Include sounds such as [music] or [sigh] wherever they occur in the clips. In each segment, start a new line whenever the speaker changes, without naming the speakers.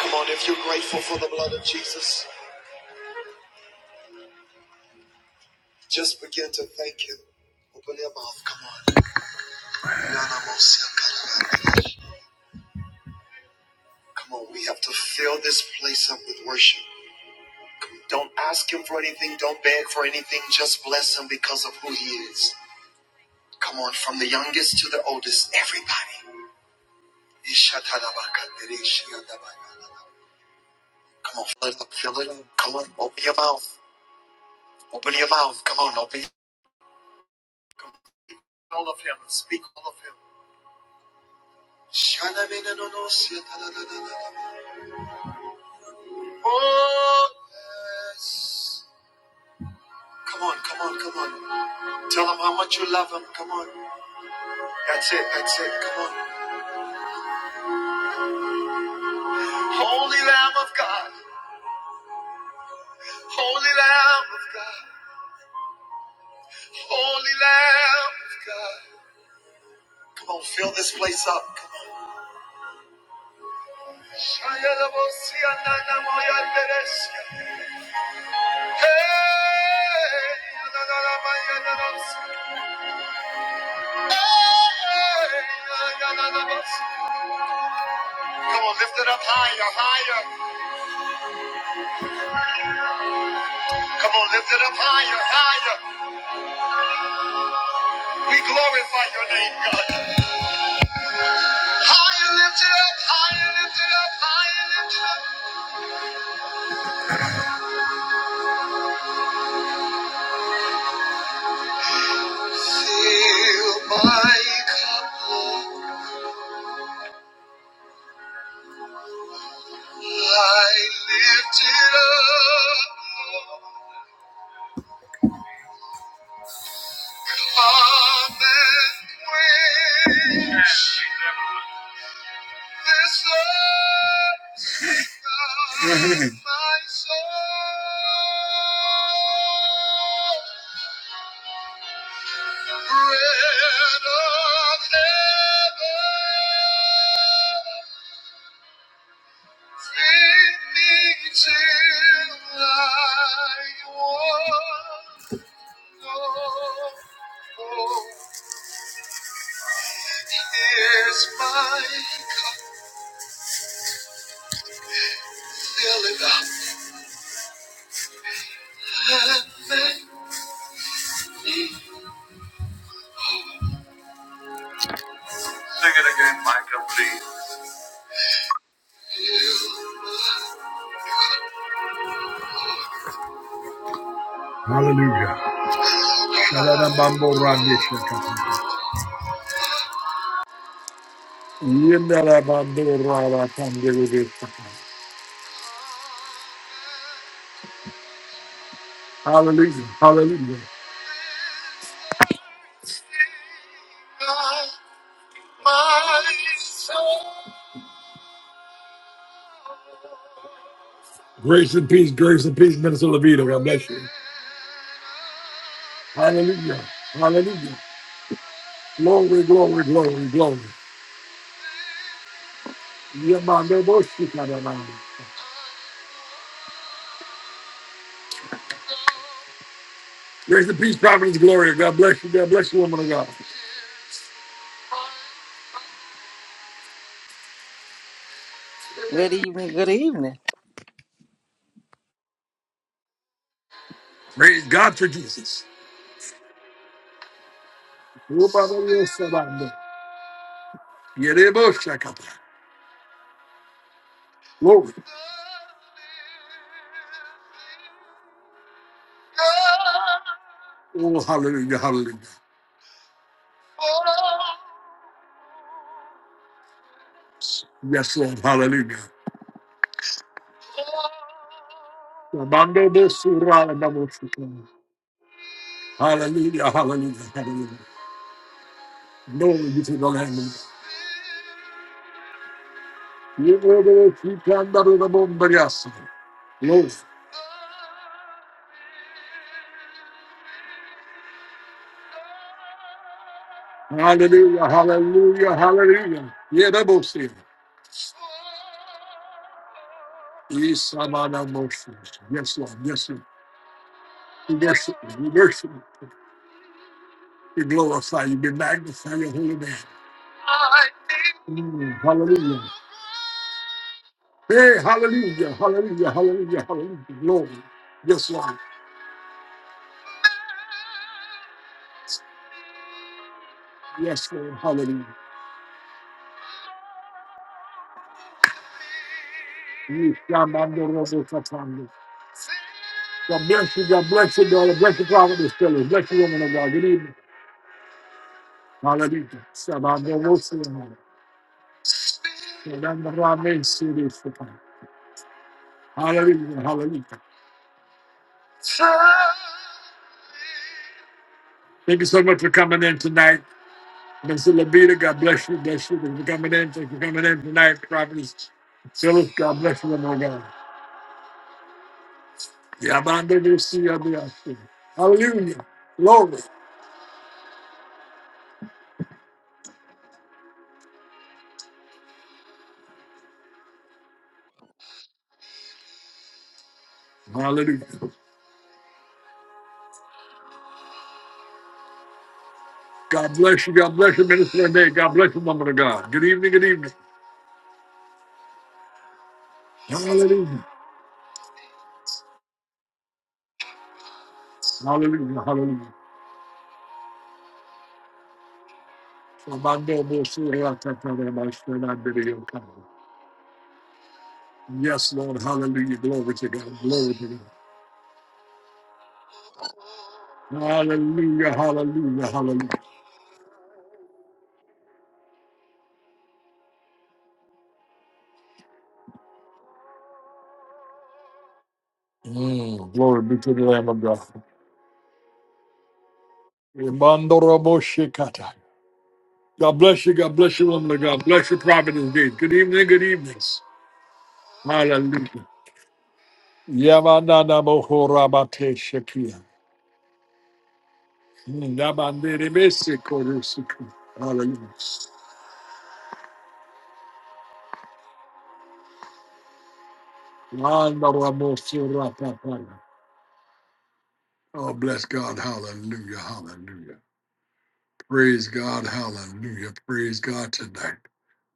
Come on, if you're grateful for the blood of Jesus, just begin to thank Him. Open your mouth. Come on. Come on, we have to fill this place up with worship. Don't ask Him for anything, don't beg for anything, just bless Him because of who He is. Come on, from the youngest to the oldest, everybody. Come on, fill it up, fill it up. Come on, open your mouth. Open your mouth. Come on, open Come on. all of Him. Speak all of Him. Oh, yes. Come on, come on, come on. Tell them how much you love them. Come on. That's it, that's it. Come on. Holy Lamb of God. Holy Lamb of God. Holy Lamb of God. Come on, fill this place up. Come on. Hey. Come on, lift it up higher, higher. Come on, lift it up higher, higher. We glorify your name, God. Higher, lift it up, higher, lift it up, higher, lift it up. Hallelujah. Shalalabambo rande shakata. Yendarabambo rara kandere shakata. Hallelujah, hallelujah. Grace and peace, grace and peace, Minister Levita. God bless you. Hallelujah, hallelujah. Glory, glory, glory, glory. Yemandebo shikadabambo. Grace and peace, providence, glory. God bless you. God bless you, woman of God.
Good evening. Good evening.
Praise God for Jesus. Glory. Oh, hallelujah, hallelujah. Yes, Lord, hallelujah. Hallelujah, hallelujah, hallelujah. Glory be to the Lamb. Glory. Hallelujah, hallelujah, hallelujah. Yeah, that Yes, Lord, yes, Lord, Yes, yes, be glorified, you be magnified, your holy name. Mm, hallelujah. Hey, hallelujah, hallelujah, hallelujah, hallelujah. Glory. Yes, Lord. Yes, Lord. Hallelujah. You shall not know what will come from you. God bless you, God bless you, God bless you, God bless you, God bless you, woman of God. Good evening. Hallelujah. Sabando Rosa. Sabando Rame Siri Sapa. Hallelujah, hallelujah. Thank you so much for coming in tonight. Mr. Labita, God bless you. Bless you. Thank you for coming in. Thank you for coming in tonight, Providence. Phyllis, God bless you, my God. Yabanda de Siabiasi. Hallelujah. Glory. Hallelujah. God bless you. God bless you, Minister Renee. God bless you, woman of God. Good evening. Good evening. Hallelujah. Hallelujah. Hallelujah. Yabanda de Siabiasi. Yes, Lord. Hallelujah. Glory to God. Glory to God. Hallelujah. Hallelujah. Hallelujah. Mm, glory be to the Lamb of God. Mandoroboshikata. God bless you. God bless you, woman of God. Bless you, prophet indeed. Good evening. Good evenings. Hallelujah. Yamanana mohorabate shekia. Nabandere besiko rusiku. Hallelujah. Mandorobosurapapaya. Oh, bless God. Hallelujah. Hallelujah. Praise God. Hallelujah. Praise God tonight.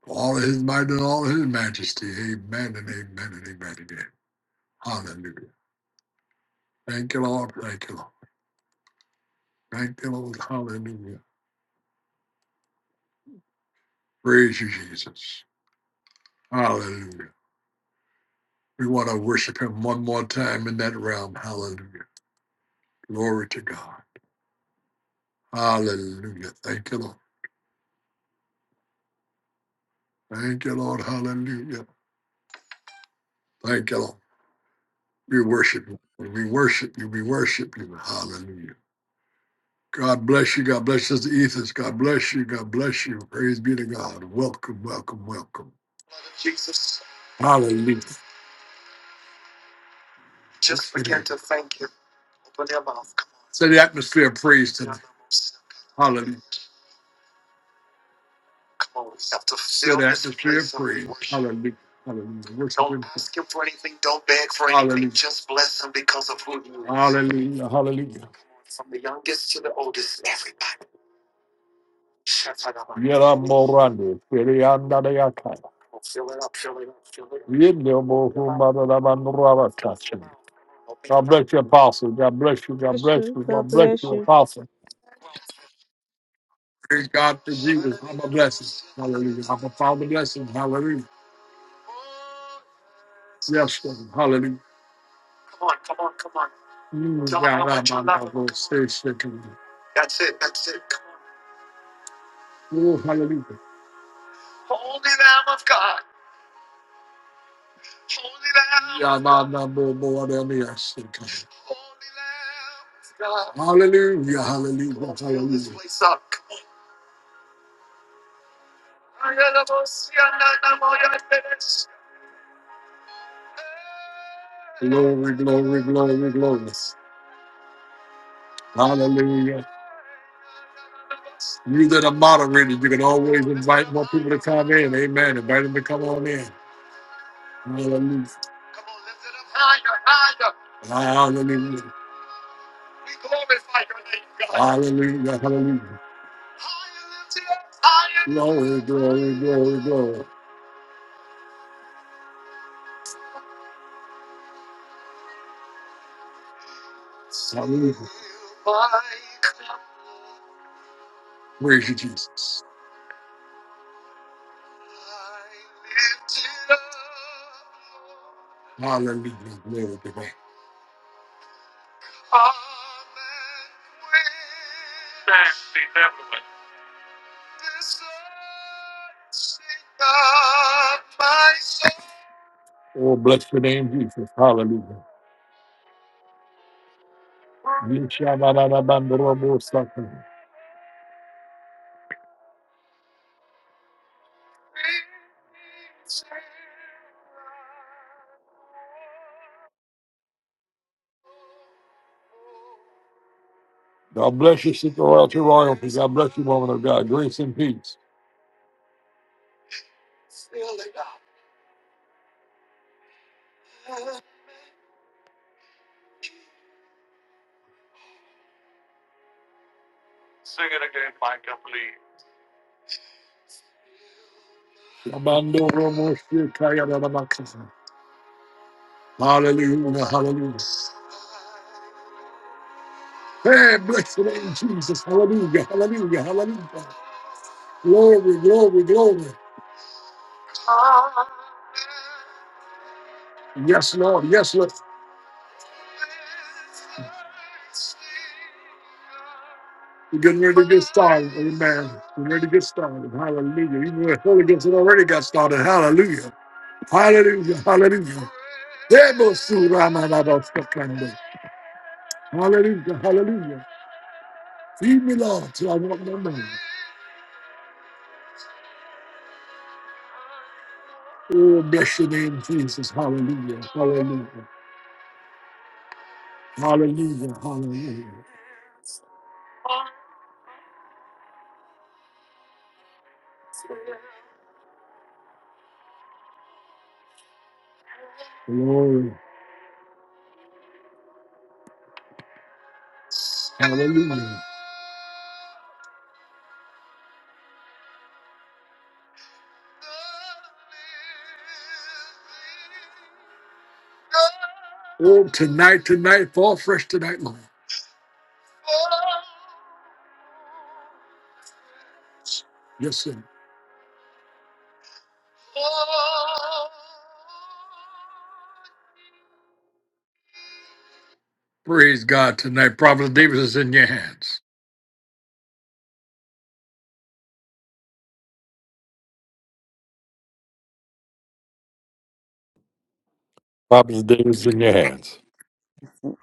For All of his might and all of his majesty. Amen and amen and amen again. Hallelujah. Thank you, Lord. Thank you, Lord. Thank you, Lord. Hallelujah. Praise you, Jesus. Hallelujah. We want to worship him one more time in that realm. Hallelujah. Glory to God. Hallelujah. Thank you, Lord. Thank you, Lord. Hallelujah. Thank you, Lord. We worship you. We worship you. We worship you. Hallelujah. God bless you. God bless us, Ethers. God bless you. God bless you. Praise be to God. Welcome, welcome, welcome. Jesus. Hallelujah. Just begin to thank him. Say the atmosphere of praise tonight. Hallelujah. Say the atmosphere of praise. Hallelujah. Hallelujah. Worship him. Hallelujah. Hallelujah. Hallelujah. Yera morande, perianda de akaya. Yende mo humba da da man raba kacha. God bless you, Apostle. God bless you. God
bless
bless
you.
you. God
God
bless
bless
you,
you.
Apostle. Praise God for Jesus. I'm a blessing. Hallelujah. I'm a father blessing. Hallelujah. Yes, Lord. Hallelujah. Come on, come on, come on. Mm, Tell yeah, them how God, much you I'm love not them. gonna stay shaking. That's it, that's it. Oh, hallelujah. Holy Lamb of God. Holy Lamb. Yeah, I'm not more, more than yes. Hallelujah, hallelujah, hallelujah. Glory, glory, glory, glory. Hallelujah. You that are moderated, you can always invite more people to come in. Amen. Invite them to come on in. Hallelujah. Hallelujah. Hallelujah. Hallelujah. Glory, glory, glory, glory. Hallelujah. Praise you, Jesus. Hallelujah. Glory to God. Oh, bless the name, Jesus. Hallelujah. Yeshabarababandarabosaka. God bless you, Sister Royalty Royalty. God bless you, woman of God. Grace and peace. Amando Romo Shikaya Rabakasa. Hallelujah, hallelujah. Hey, bless the name of Jesus. Hallelujah, hallelujah, hallelujah. Glory, glory, glory. Yes, Lord, yes, Lord. We're getting ready to get started. Amen. We're ready to get started. Hallelujah. Even the Holy Ghost has already got started. Hallelujah. Hallelujah, hallelujah. Debo su rama la ba sa kanda. Hallelujah, hallelujah. Feed me, Lord, till I want no man. Oh, bless your name, Jesus. Hallelujah, hallelujah. Hallelujah. Hallelujah. Glory. Hallelujah. Oh, tonight, tonight, fall fresh tonight, Lord. Yes, sir. Praise God tonight. Prophet Davis is in your hands. Prophet Davis is in your hands.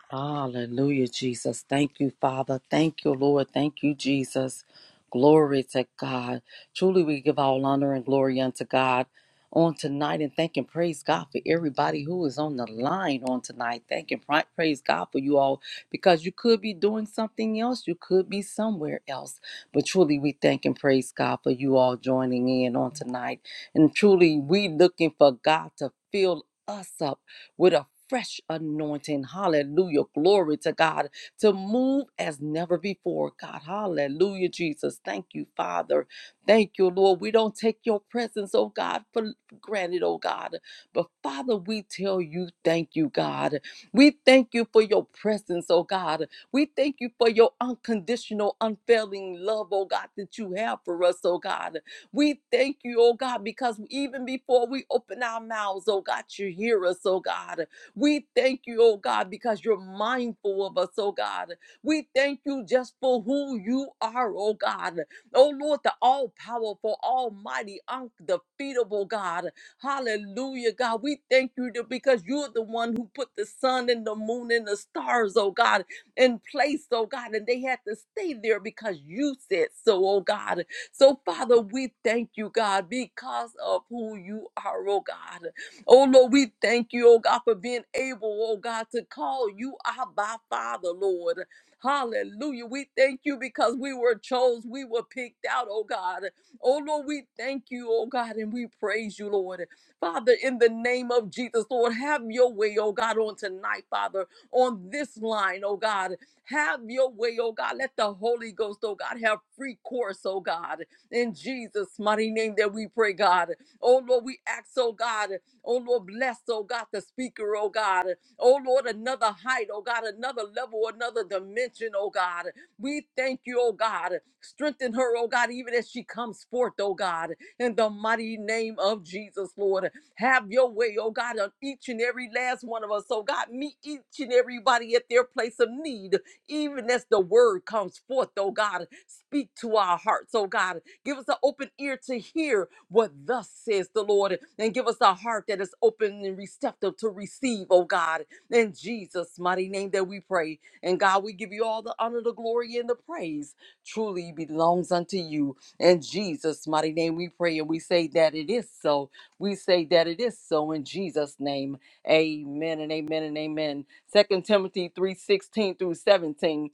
Hallelujah, Jesus. Thank you, Father. Thank you, Lord. Thank you, Jesus. Glory to God. Truly, we give all honor and glory unto God on tonight and thank and praise God for everybody who is on the line on tonight. Thank and pri- praise God for you all because you could be doing something else. You could be somewhere else. But truly, we thank and praise God for you all joining in on tonight. And truly, we looking for God to fill us up with a fresh anointing. Hallelujah. Glory to God to move as never before. God, hallelujah, Jesus. Thank you, Father. Thank you, Lord. We don't take your presence, oh God, for granted, oh God. But Father, we tell you, thank you, God. We thank you for your presence, oh God. We thank you for your unconditional, unfailing love, oh God, that you have for us, oh God. We thank you, oh God, because even before we open our mouths, oh God, you hear us, oh God. We thank you, oh God, because you're mindful of us, oh God. We thank you just for who you are, oh God. Oh Lord, the all powerful, almighty, undefeatable God. Hallelujah, God. We thank you that- because you're the one who put the sun and the moon and the stars, oh God, in place, oh God. And they had to stay there because you said so, oh God. So, Father, we thank you, God, because of who you are, oh God. Oh Lord, we thank you, oh God, for being able, oh God, to call you Abba Father, Lord. Hallelujah. We thank you because we were chose, we were picked out, oh God. Oh Lord, we thank you, oh God, and we praise you, Lord. Father, in the name of Jesus, Lord, have your way, oh God, on tonight, Father, on this line, oh God. Have your way, oh God. Let the Holy Ghost, oh God, have free course, oh God. In Jesus' mighty name that we pray, God. Oh Lord, we ask, oh God. Oh Lord, bless, oh God, the speaker, oh God. Oh Lord, another height, oh God, another level, another dimension, oh God. We thank you, oh God. Strengthen her, oh God, even as she comes forth, oh God, in the mighty name of Jesus, Lord. Have your way, oh God, on each and every last one of us, oh God. Meet each and everybody at their place of need, even as the word comes forth, oh God, speak to our hearts, oh God. Give us an open ear to hear what thus says the Lord, and give us a heart that is open and receptive to receive, oh God. In Jesus' mighty name that we pray. And God, we give you all the honor, the glory, and the praise. Truly belongs unto you. In Jesus' mighty name we pray, and we say that it is so. We say that it is so in Jesus' name. Amen and amen and amen. Second Timothy 3 16 through 17.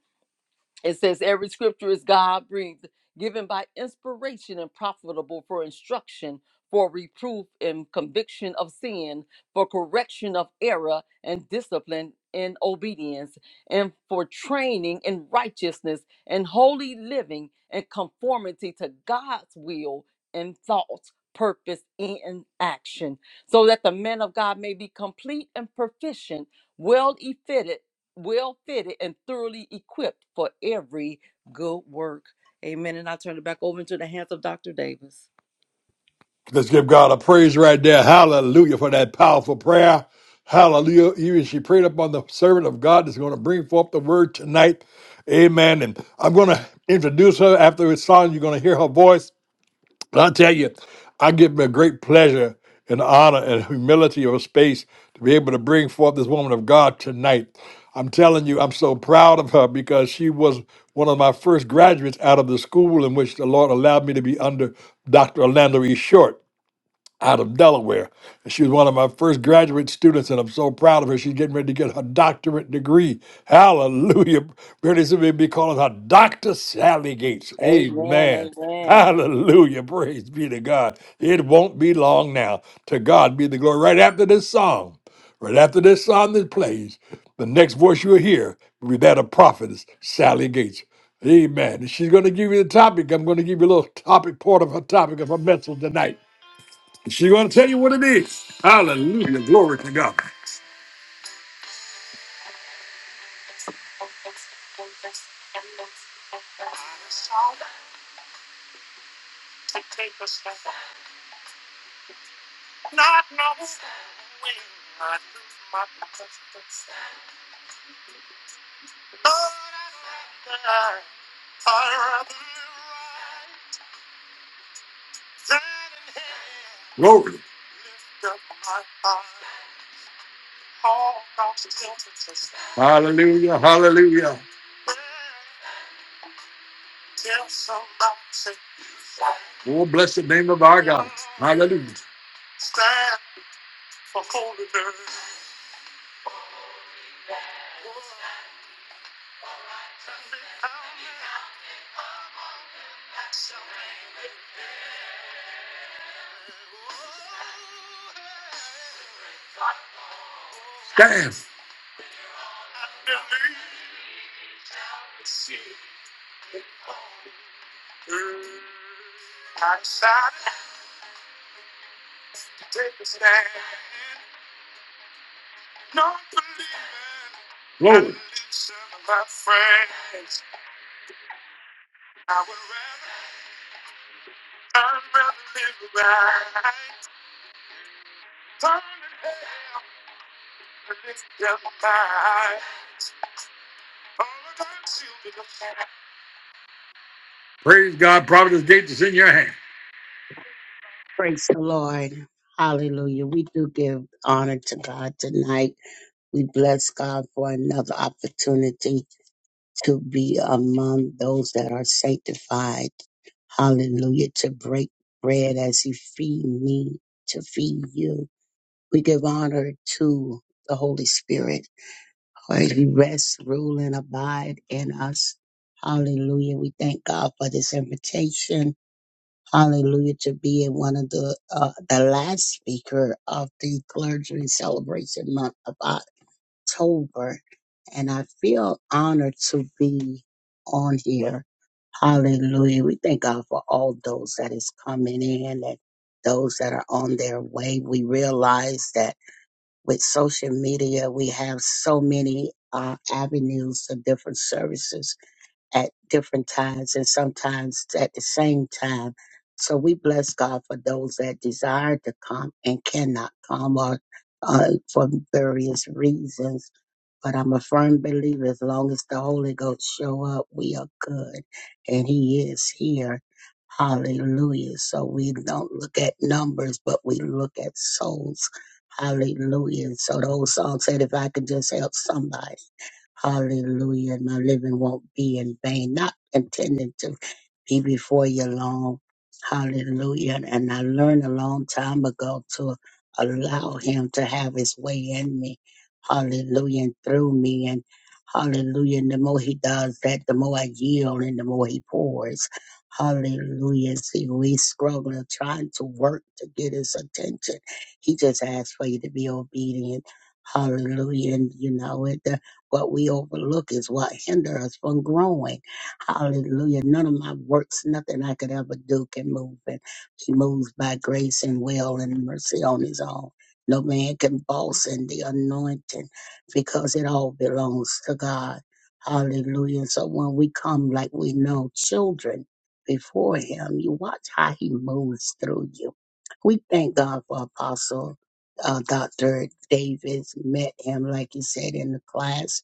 It says every scripture is God breathed, given by inspiration and profitable for instruction, for reproof and conviction of sin, for correction of error and discipline in obedience, and for training in righteousness and holy living and conformity to God's will and thoughts. Purpose and action, so that the man of God may be complete and proficient, well fitted well fitted and thoroughly equipped for every good work. Amen. And I turn it back over into the hands of Dr. Davis.
Let's give God a praise right there. Hallelujah for that powerful prayer. Hallelujah. Even she prayed upon the servant of God that's going to bring forth the word tonight. Amen. And I'm going to introduce her after it's song. You're going to hear her voice. And I tell you, I give me a great pleasure and honor and humility of space to be able to bring forth this woman of God tonight. I'm telling you, I'm so proud of her because she was one of my first graduates out of the school in which the Lord allowed me to be under Dr. Orlando E. Short out of Delaware. And she was one of my first graduate students, and I'm so proud of her. She's getting ready to get her doctorate degree. Hallelujah. Pretty soon we'll be calling her Dr. Sally Gates.
Amen.
Amen.
Amen.
Hallelujah. Praise be to God. It won't be long now. To God be the glory. Right after this song, right after this song that plays, the next voice you'll hear will be that of prophetess Sally Gates. Amen. And She's going to give you the topic. I'm going to give you a little topic, part of her topic of her message tonight. She's going to tell you what it is. Hallelujah. Glory to God. Glory. Hallelujah. Hallelujah. Oh, bless the name of our God. Hallelujah. Stand. Glory. Praise God. Providence gate is in your hand.
Praise the Lord. Hallelujah. We do give honor to God tonight. We bless God for another opportunity to be among those that are sanctified. Hallelujah. To break bread as He feed me, to feed you. We give honor to the Holy Spirit. for He rests, rule, and abide in us. Hallelujah. We thank God for this invitation Hallelujah to be in one of the uh, the last speaker of the clergy celebration month of October, and I feel honored to be on here. Hallelujah! We thank God for all those that is coming in and those that are on their way. We realize that with social media, we have so many uh, avenues of different services at different times and sometimes at the same time. So we bless God for those that desire to come and cannot come or uh, for various reasons. But I'm a firm believer as long as the Holy Ghost show up, we are good. And he is here. Hallelujah. So we don't look at numbers, but we look at souls. Hallelujah. So the old song said, if I could just help somebody. Hallelujah. My living won't be in vain, not intending to be before you long. Hallelujah. And I learned a long time ago to allow him to have his way in me. Hallelujah. And through me. And hallelujah. And the more he does that, the more I yield and the more he pours. Hallelujah. See, we struggling, trying to work to get his attention. He just asked for you to be obedient. Hallelujah. And you know it. What we overlook is what hinders us from growing. Hallelujah. None of my works, nothing I could ever do can move and He moves by grace and will and mercy on his own. No man can boss in the anointing because it all belongs to God. Hallelujah. And so when we come like we know children before him, you watch how he moves through you. We thank God for Apostle uh, Dr. Davis met him, like you said, in the class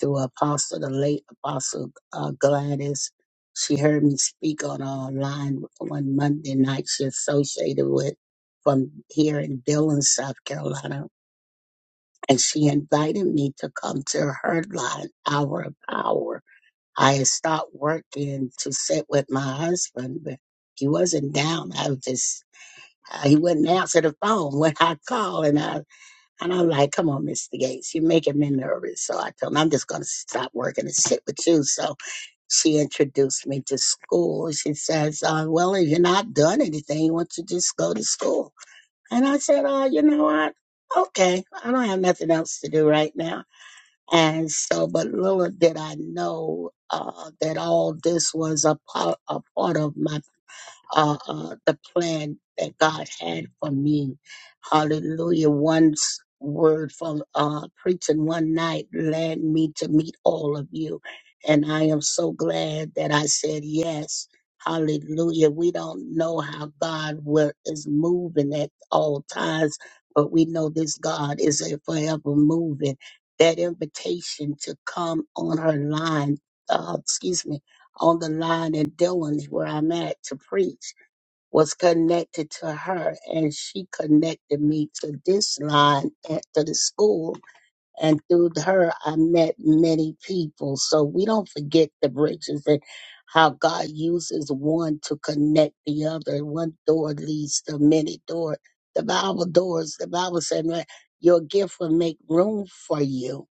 through Apostle, the late Apostle uh, Gladys. She heard me speak on a line one Monday night she associated with from here in Dillon, South Carolina. And she invited me to come to her line, Hour of Power. I had stopped working to sit with my husband, but he wasn't down. I was just, he wouldn't answer the phone when I called. and I. And I'm like, come on, Mr. Gates, you're making me nervous. So I told him, I'm just going to stop working and sit with you. So she introduced me to school. She says, uh, well, if you're not doing anything, why don't you just go to school? And I said, oh, you know what? Okay, I don't have nothing else to do right now. And so, but little did I know uh, that all this was a part, a part of my uh, uh, the plan that God had for me. Hallelujah. One s- word from uh, preaching one night led me to meet all of you. And I am so glad that I said yes. Hallelujah. We don't know how God will, is moving at all times, but we know this God is a forever moving. That invitation to come on her line, uh, excuse me, on the line in Dillon, where I'm at, to preach was connected to her and she connected me to this line at to the school and through her I met many people. So we don't forget the bridges and how God uses one to connect the other. One door leads to many doors. The Bible doors, the Bible said, "Man, your gift will make room for you.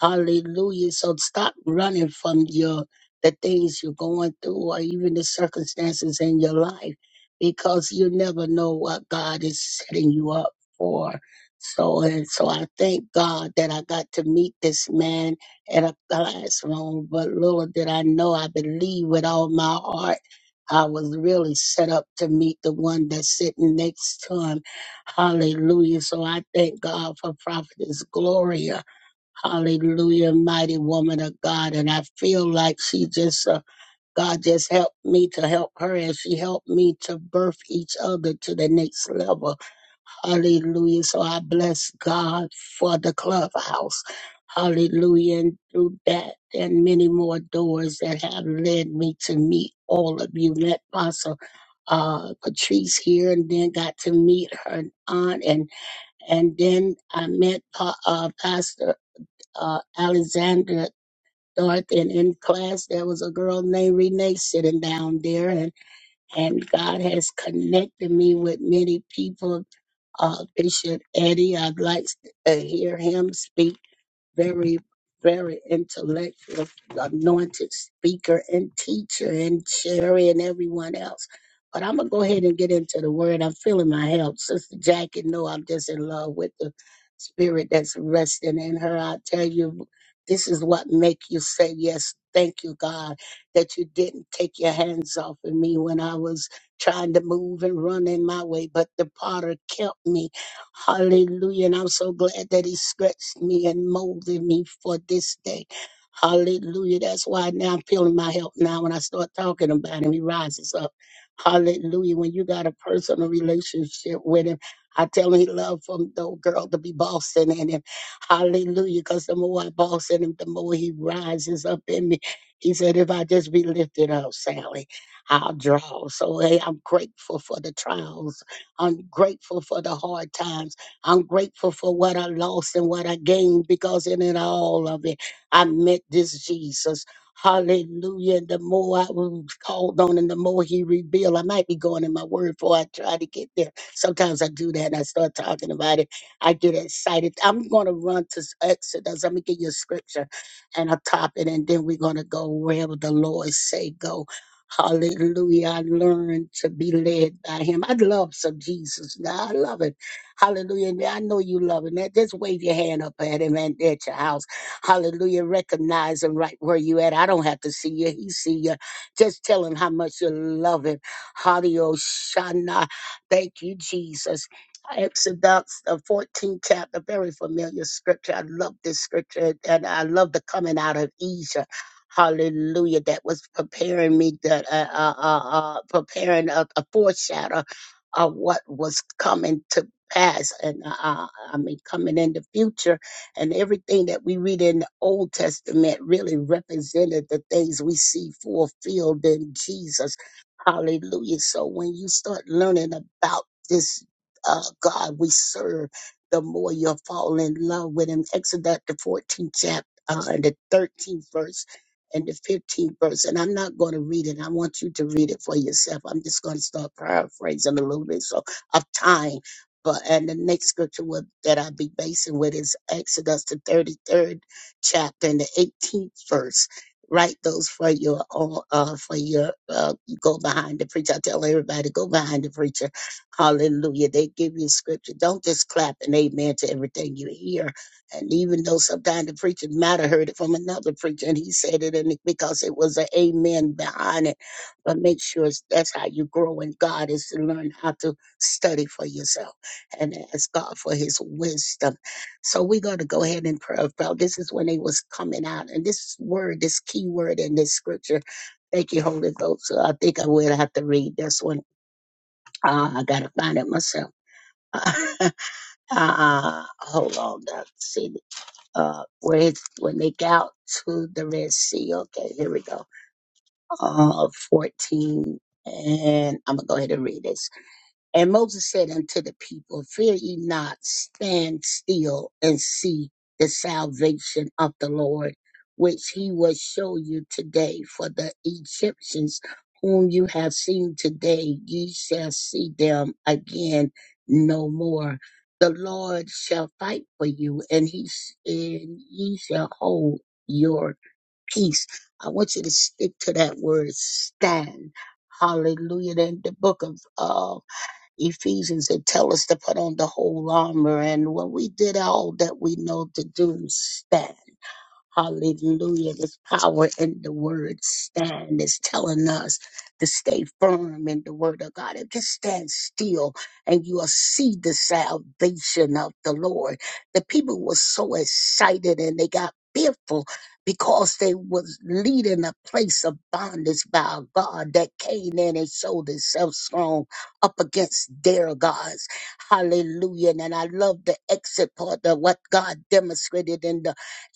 Hallelujah. So stop running from your the things you're going through or even the circumstances in your life because you never know what God is setting you up for. So and so I thank God that I got to meet this man at a classroom, but little did I know I believe with all my heart I was really set up to meet the one that's sitting next to him. Hallelujah. So I thank God for Prophetess Gloria. Hallelujah, mighty woman of God. And I feel like she just, uh, God just helped me to help her as she helped me to birth each other to the next level. Hallelujah. So I bless God for the clubhouse. Hallelujah. And through that and many more doors that have led me to meet all of you. Let Pastor uh, Patrice here and then got to meet her aunt. And, and then I met Pa- uh, Pastor uh, Alexander Dorth. And in class, there was a girl named Renee sitting down there. And, and God has connected me with many people uh, Bishop Eddie. I'd like to hear him speak. Very, very intellectual, anointed speaker and teacher, and Sherry and everyone else. But I'm gonna go ahead and get into the word. I'm feeling my help, Sister Jackie. No, I'm just in love with the spirit that's resting in her. I tell you, this is what make you say yes. Thank you, God, that you didn't take your hands off of me when I was trying to move and run in my way, but the potter kept me Hallelujah. And I'm so glad that he stretched me and molded me for this day. Hallelujah. That's why now I'm feeling my help now. When I start talking about him, he rises up. Hallelujah. When you got a personal relationship with him, I tell him he love from the girl to be bossing in him. Hallelujah. Because the more I boss in him, the more he rises up in me. He said, if I just be lifted up, Sally, I'll draw. So hey, I'm grateful for the trials I'm grateful for the hard times. I'm grateful for what I lost and what I gained because in it all of it, I met this Jesus. Hallelujah. And the more I was called on and the more he revealed, I might be going in my word before I try to get there. Sometimes I do that and I start talking about it. I get excited. I'm going to run to s- Exodus. I'm going to give you a scripture and a topic, and then we're going to go wherever the Lord say go. Hallelujah. I learned to be led by him. I love some Jesus. God, I love it. Hallelujah. And I know you love it. Now just wave your hand up at him and at your house. Hallelujah. Recognize him right where you at. I don't have to see you. He see you. Just tell him how much you love him. Hallelujah. Thank you, Jesus. Exodus, the 14th chapter, very familiar scripture. I love this scripture and I love the coming out of Egypt. Hallelujah. That was preparing me, that uh, uh, uh, uh, preparing a, a foreshadow of what was coming to pass. And uh, uh, I mean, coming in the future. And everything that we read in the Old Testament really represented the things we see fulfilled in Jesus. Hallelujah. So when you start learning about this uh, God we serve, the more you'll fall in love with him. Exodus the 14th chapter uh, and the 13th verse and the 15th verse. And I'm not going to read it. I want you to read it for yourself. I'm just going to start paraphrasing a little bit so of time. But and the next scripture will, that I'll be basing with is Exodus the 33rd chapter and the 18th verse. Write those for your own, uh, for your, uh, go behind the preacher. I tell everybody, go behind the preacher. Hallelujah. They give you scripture. Don't just clap and amen to everything you hear and even though sometimes the preacher might have heard it from another preacher and he said it and it- because it was an amen behind it. But make sure it's- that's how you grow in God is to learn how to study for yourself and ask God for his wisdom. So we're going to go ahead and pray about this is when they was coming out. And this word, this key word in this scripture, thank you, Holy Ghost. So I think I will have to read this one. Uh, I got to find it myself. [laughs] uh, hold on. Doc. See uh, where it's, when they got to the Red Sea. Okay, here we go. Uh, 14. And I'm going to go ahead and read it. And Moses said unto the people, Fear ye not, stand still and see the salvation of the Lord, which he will show you today. For the Egyptians whom you have seen today, ye shall see them again no more. The Lord shall fight for you, and he s- and ye shall hold your peace. I want you to stick to that word stand. Hallelujah. In the book of uh, Ephesians, it tells us to put on the whole armor. And when we did all that we know to do, stand. Hallelujah. This power in the word stand. is telling us to stay firm in the word of God. If just stand still and you'll see the salvation of the Lord. The people were so excited and they got fearful because they was leading a place of bondage by a God that came in and showed itself strong up against their gods. Hallelujah. And I love the exit part of what God demonstrated in the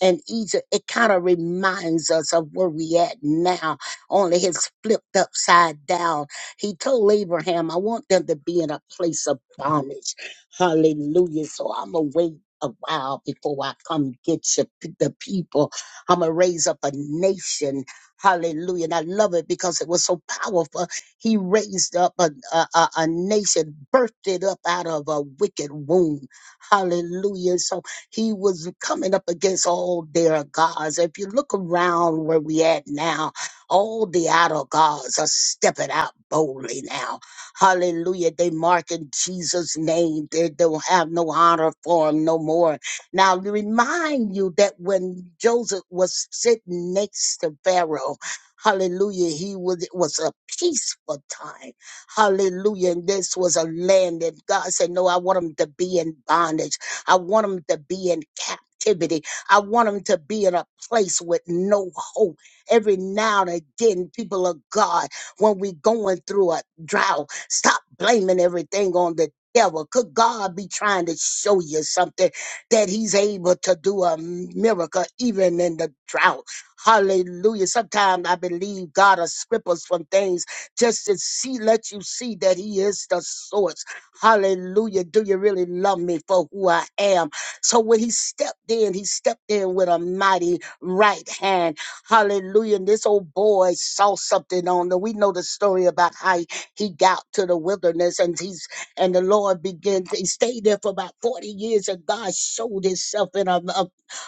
and Egypt, it kind of reminds us of where we at now, only it's flipped upside down. He told Abraham, I want them to be in a place of bondage. Hallelujah. So I'm going to wait a while before I come get you, p- the people. I'm going to raise up a nation. Hallelujah. And I love it because it was so powerful. He raised up a, a, a a nation, birthed it up out of a wicked womb. Hallelujah. So he was coming up against all their gods. If you look around where we at now, all the idol gods are stepping out boldly now. Hallelujah. They mark in Jesus' name. They don't have no honor for him no more. Now, to remind you that when Joseph was sitting next to Pharaoh, hallelujah, he was, it was a peaceful time. Hallelujah. And this was a land that God said, No, I want them to be in bondage. I want them to be in captivity. I want them to be in a place with no hope. Every now and again, people of God, when we're going through a drought, stop blaming everything on the devil. Could God be trying to show you something that He's able to do a miracle even in the drought? Hallelujah. Sometimes I believe God will strip us from things just to see, let you see that He is the source. Hallelujah. Do you really love me for who I am? So when he stepped in, he stepped in with a mighty right hand. Hallelujah. And this old boy saw something on him. We know the story about how he he got to the wilderness and he's and the Lord began to he stayed there for about 40 years and God showed himself in an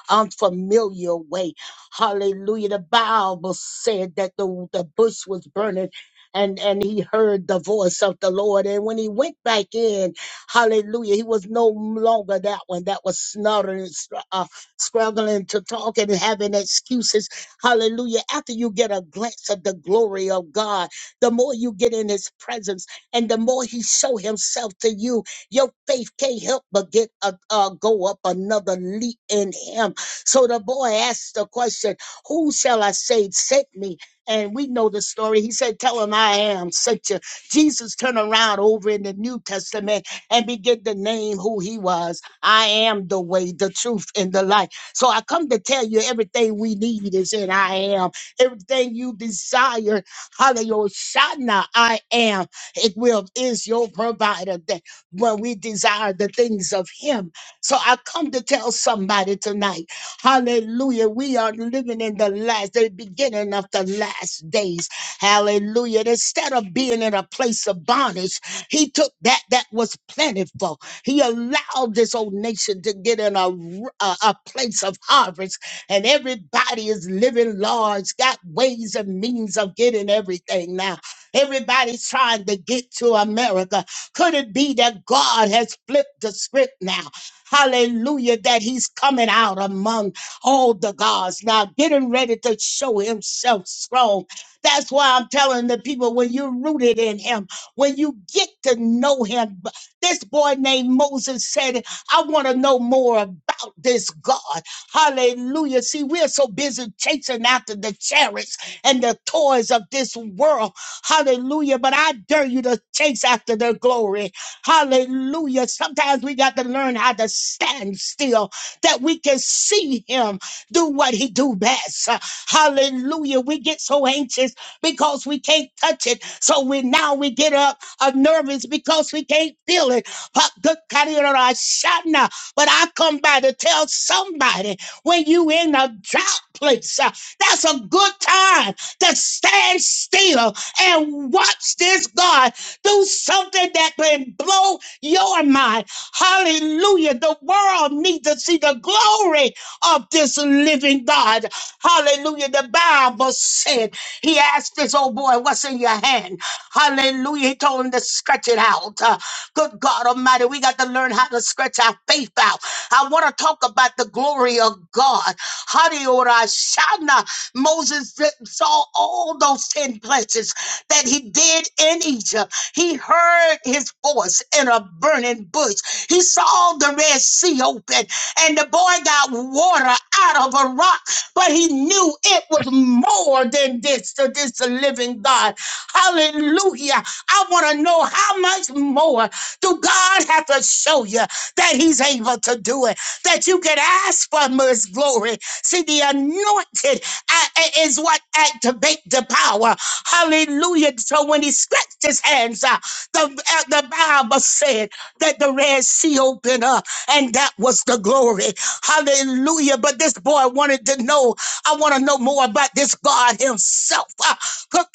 unfamiliar way. Hallelujah. The Bible said that the, the bush was burning and and he heard the voice of the Lord. And when he went back in, Hallelujah, he was no longer that one that was snuttering, str- uh, struggling to talk and having excuses. Hallelujah! After you get a glance of the glory of God, the more you get in His presence, and the more He show Himself to you, your faith can't help but get a, uh, go up another leap in Him. So the boy asked the question, "Who shall I say sent me?" And we know the story. He said, Tell him I am sent you. Jesus turned around over in the New Testament and began to name who he was. I am the way, the truth, and the life. So I come to tell you everything we need is in I am. Everything you desire, hallelujah, I am. It will is your provider that when we desire the things of him. So I come to tell somebody tonight. Hallelujah. We are living in the last, the beginning of the last days. Hallelujah. And instead of being in a place of bondage, he took that that was plentiful. He allowed this old nation to get in a a a place of harvest, and everybody is living large, got ways and means of getting everything now. Everybody's trying to get to America. Could it be that God has flipped the script now? Hallelujah, that He's coming out among all the gods now, getting ready to show himself strong. That's why I'm telling the people when you're rooted in him, when you get to know him, b- this boy named Moses said, I want to know more about this God. Hallelujah. See, we're so busy chasing after the chariots and the toys of this world. Hallelujah. But I dare you to chase after their glory. Hallelujah. Sometimes we got to learn how to stand still that we can see him do what he do best. Uh, Hallelujah. We get so anxious because we can't touch it. So we now we get up uh, nervous because we can't feel it. But good God, you know, I shout now. But I come by to tell somebody when you in a drought place, uh, that's a good time to stand still and watch this God do something that can blow your mind. Hallelujah. The world needs to see the glory of this living God. Hallelujah. The Bible said, He asked this old boy, What's in your hand? Hallelujah. He told him to stretch it out. Uh, good God Almighty, we got to learn how to stretch our faith out. I want to talk about the glory of God. Hadiorashana. Moses did- saw all those 10 places that he did in Egypt. He heard his voice in a burning bush. He saw the Red Sea open and the boy got water out of a rock, but he knew it was more than this to this living God. Hallelujah. I want to know how much more do God have to show you that he's able to do it, that you can ask for his glory. See, the anointed uh, uh, is what activate the power. Hallelujah. So when he stretched his hands out, the, uh, the Bible said that the Red Sea opened up, and that was the glory. Hallelujah. But this boy wanted to know, I want to know more about this God Himself. Ah, Have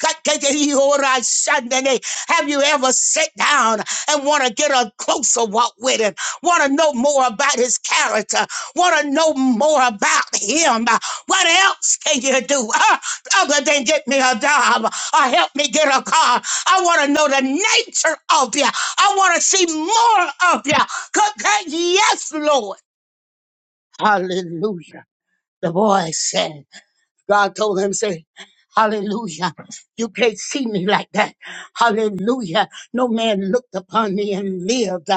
you ever sat down and want to get a closer walk with Him? Want to know more about His character? Want to know more about Him? What else can you do? Uh, other than get me a job or help me get a car. I want to know the nature of you. I want to see more of you. Good God, Yes, Lord. Hallelujah. The boy said, God told him, say, Hallelujah. You can't see me like that. Hallelujah. No man looked upon me and lived.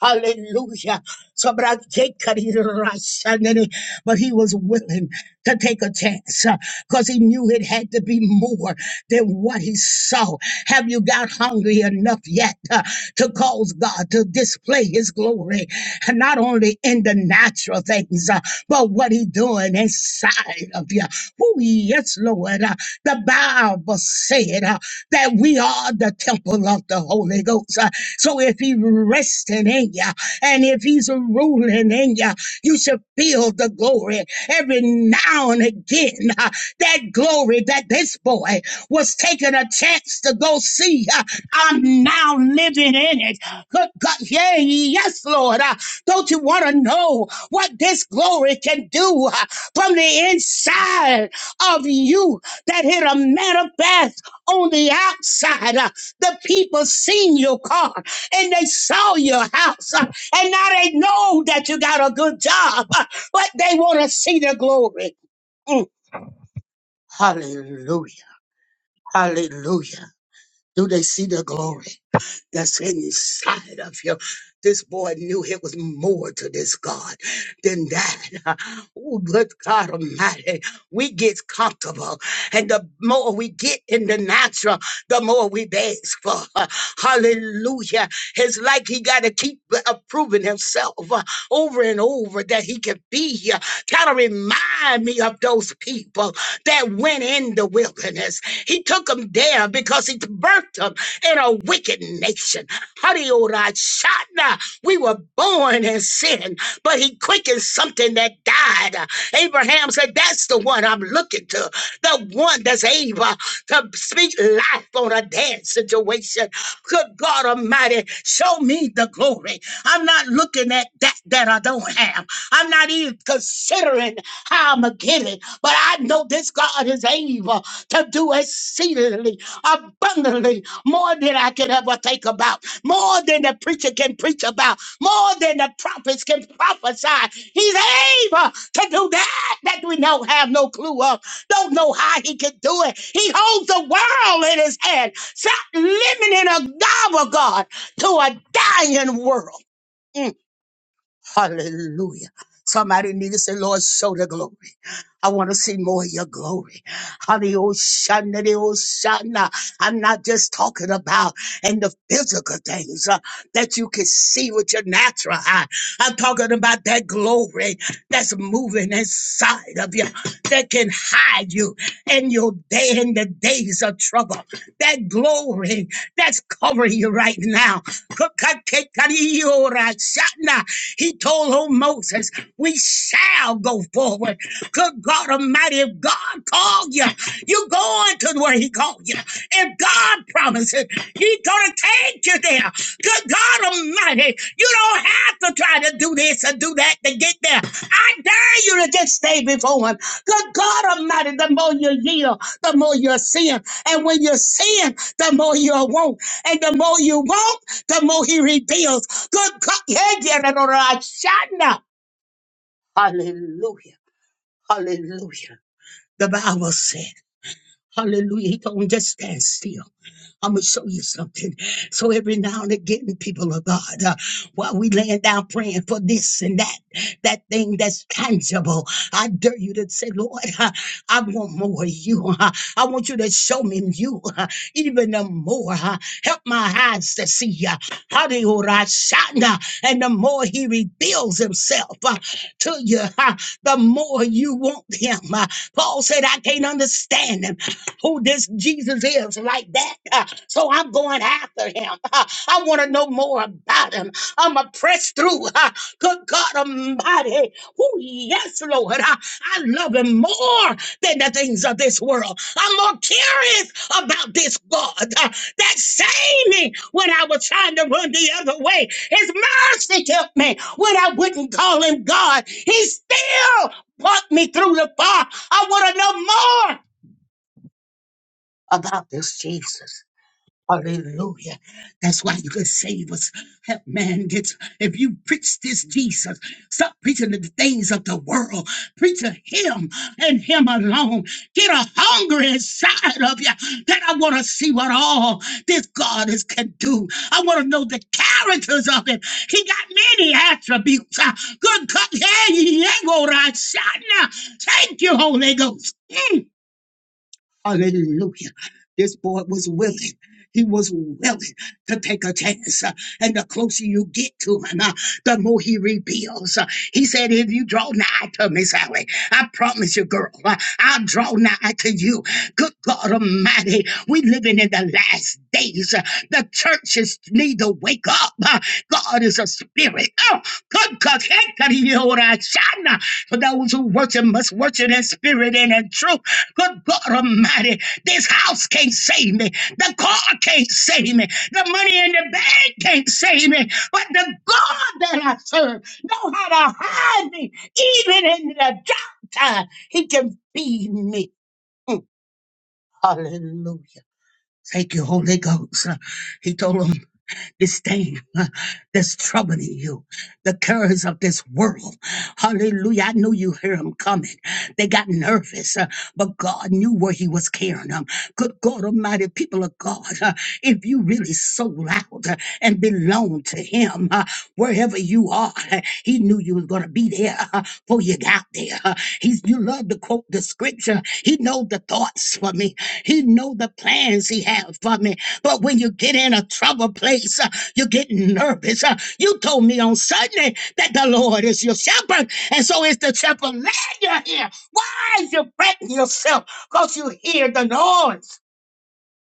Hallelujah. So, but I- Jacob, he didn't rise, and then he- but he was willing to take a chance because he knew it had to be more than what he saw. Have you got hungry enough yet uh, to cause God to display his glory? And not only in the natural things, uh, but what he doing inside of you. Oh, yes, Lord. Uh, the Bible said uh, that we are the temple of the Holy Ghost. Uh, so if he resting in you and if he's ruling in you, you should feel the glory every now and again. uh, that glory that this boy was taking a chance to go see. uh, I'm now living in it. Good God. Yeah, yes, Lord. Uh, don't you want to know what this glory can do uh, from the inside of you that it'll manifest? on the outside, uh, the people seen your car and they saw your house, uh, and now they know that you got a good job, uh, but they want to see the glory. Mm. Hallelujah. Hallelujah. Do they see the glory? that's inside of you. This boy knew it was more to this God than that. [laughs] Oh, good God Almighty. We get comfortable, and the more we get in the natural, the more we ask for. [laughs] Hallelujah. It's like he got to keep uh, proving himself uh, over and over that he can be here. Kind of remind me of those people that went in the wilderness. He took them there because he birthed them in a wicked nation. Hadiorashana. We were born in sin, but he quickened something that died. Abraham said, That's the one I'm looking to, the one that's able to speak life on a dead situation. Good God Almighty, show me the glory. I'm not looking at that that I don't have. I'm not even considering how I'm going to get it, but I know this God is able to do exceedingly abundantly more than I could ever think about, more than the preacher can preach about, more than the prophets can prophesy. He's able to do that that we don't have no clue of, don't know how he can do it. He holds the world in his hand. Stop limiting a God, of God, to a dying world. Mm. Hallelujah. Somebody need to say, Lord, show the glory. I want to see more of your glory. Hallelujah. Hallelujah. I'm not just talking about in the physical things uh, that you can see with your natural eye. I'm talking about that glory that's moving inside of you, that can hide you in your day in the days of trouble. That glory that's covering you right now. He told old Moses, We shall go forward. Good God Almighty, if God called you, you go on to where He called you. If God promises, He's going to take you there. Good God Almighty, you don't have to try to do this or do that to get there. I dare you to just stay before Him. Good God Almighty, the more you yield, the more you're seeing. And when you're seeing, the more you will want. And the more you want, the more He reveals. Good God. Yeah, yeah, no, no, no, I shall not. Hallelujah. Hallelujah. The Bible said, Hallelujah. He told him, just stand still. I'm gonna show you something. So every now and again, people of God, uh, while we laying down praying for this and that, that thing that's tangible, I dare you to say, Lord, uh, I want more of you. uh, I want you to show me you uh, even the more. uh, Help my eyes to see you. And the more he reveals himself uh, to you, uh, the more you want him. Uh, Paul said, I can't understand him who this Jesus is like that. Uh, So I'm going after him. Uh, I want to know more about him. I'm going to press through. Uh, Good God Almighty. Oh, yes, Lord. Uh, I love him more than the things of this world. I'm more curious about this God uh, that saved me when I was trying to run the other way. His mercy kept me when I wouldn't call him God. He still brought me through the fire. I want to know more about this Jesus. Hallelujah. That's why you could save us. Help man gets if you preach this Jesus, stop preaching the things of the world. Preach to him and him alone. Get a hunger inside of you that I want to see what all this God is can do. I want to know the characters of it. He got many attributes. Uh, Good God. Hey, yeah, go right, shot now. Thank you, Holy Ghost. Mm. Hallelujah. This boy was willing. He was willing to take a chance. uh, And the closer you get to him, uh, the more he reveals. Uh, He said, If you draw nigh to me, Sally, I promise you, girl, uh, I'll draw nigh to you. Good God Almighty, we living in the last days. Uh, The churches need to wake up. Uh, God is a spirit. Oh, good God. [laughs] For those who worship must worship in spirit and in truth. Good God Almighty, this house can't save me. The car can't save me. The money in the bank can't save me. But the God that I serve know how to hide me. Even in the dark time, He can feed me. Mm, Hallelujah. Thank you, Holy Ghost. Uh, He told him this thing uh, that's troubling you the cares of this world. Hallelujah. I knew you hear him coming. They got nervous, uh, but God knew where he was carrying them. Good God Almighty, people of God, uh, if you really sold out uh, and belong to him, uh, wherever you are, uh, he knew you was going to be there uh, before you got there. Uh, He's, you love to quote the scripture. He know the thoughts for me. He know the plans he has for me. But when you get in a trouble place, uh, you get nervous. Uh, you told me on Sunday that the Lord is your shepherd. And so is the shepherd. Lad, you're here. Why is you fretting yourself? Because you hear the noise.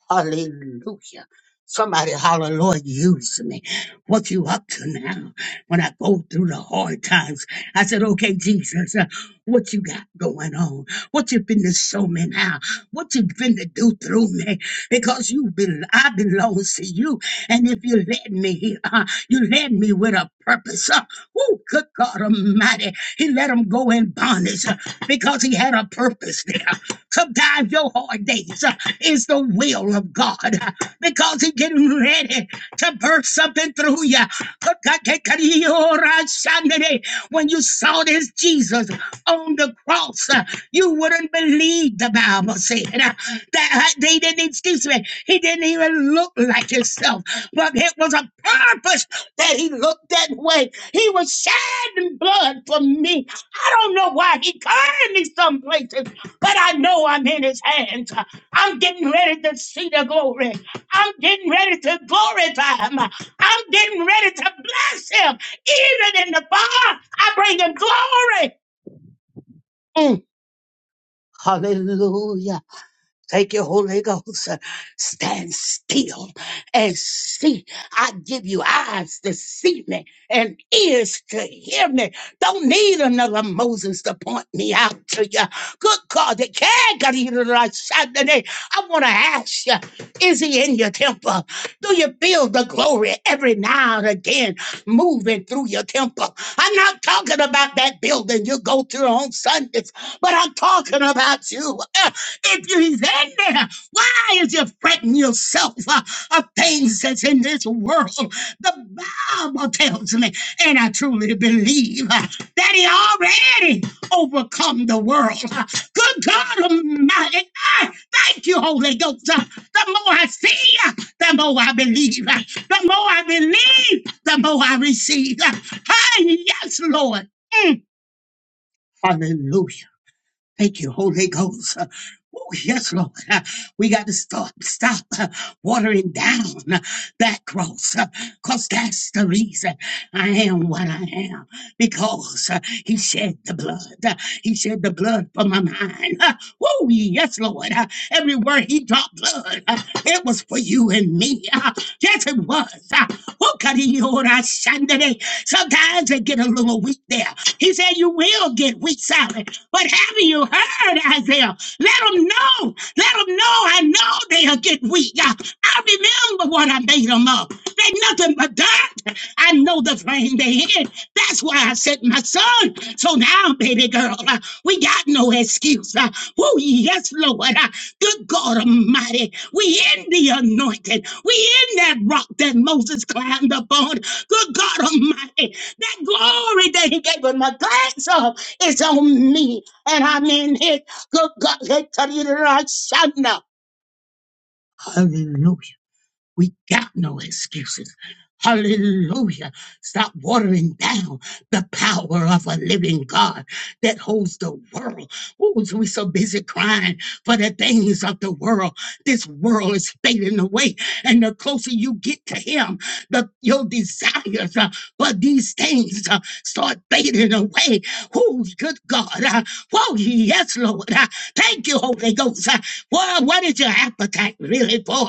Hallelujah. Somebody holler, Lord, use me. What you up to now? When I go through the hard times, I said, okay, Jesus, uh, what you got going on? What you been to show me now? What you been to do through me? Because you been, I belong to you. And if you led me here, uh, you led me with a purpose. Uh, oh, good God Almighty. He let him go in bondage uh, because he had a purpose there. Sometimes your hard days uh, is the will of God uh, because He's getting ready to burst something through you. When you saw this Jesus on the cross, uh, you wouldn't believe the Bible said uh, that uh, they didn't, excuse me, he didn't even look like himself, but it was a purpose that he looked that way. He was shed in blood for me. I don't know why he came me places but I know I'm in his hands. I'm getting ready to see the glory. I'm getting ready to glorify him. I'm getting ready to bless him. Even in the fire, I bring him glory. Mm. Hallelujah. Thank you, Holy Ghost. uh, Stand still and see. I give you eyes to see me and ears to hear me. Don't need another Moses to point me out to you. Good God, the Kagari-ra-shandane. I want to ask you, is he in your temple? Do you feel the glory every now and again moving through your temple? I'm not talking about that building you go to on Sundays, but I'm talking about you. If you are in there, why is you fretting yourself uh, of things that's in this world? The Bible tells me, and I truly believe uh, that he already overcome the world. Uh, Good God Almighty, I thank you, Holy Ghost. Uh, The more I see, uh, the more I believe. Uh, The more I believe, the more I receive. Uh, Hey, yes, Lord. Mm, Hallelujah. Thank you, Holy Ghost. Oh, yes, Lord. We got to stop, stop watering down that growth because that's the reason I am what I am. Because He shed the blood. He shed the blood for my mind. Oh, yes, Lord. Everywhere He dropped blood, it was for you and me. Yes, it was. Ah, Oh, God, he owed us Sunday. Sometimes they get a little weak there. He said, You will get weak, Sally. But have you heard, Isaiah? Let them know. Let them know. I know they'll get weak. Ah, I remember what I made them up. They nothing but God. I know the frame they in. That's why I sent my son. So now, baby girl, uh, we got no excuse. Uh, oh, yes, Lord. Uh, good God Almighty. We in the anointing. We in that rock that Moses climbed up on. Good God Almighty. That glory that he gave him a glance of is on me. And I'm in it. Good God. Hallelujah. We got no excuses. Hallelujah. Stop watering down the power of a living God that holds the world. Who was we so busy crying for the things of the world? This world is fading away. And the closer you get to Him, the your desires uh, for these things uh, start fading away. Who's good God? Uh, whoa, yes, Lord. Uh, thank you, Holy Ghost. Uh, well, what is your appetite really for?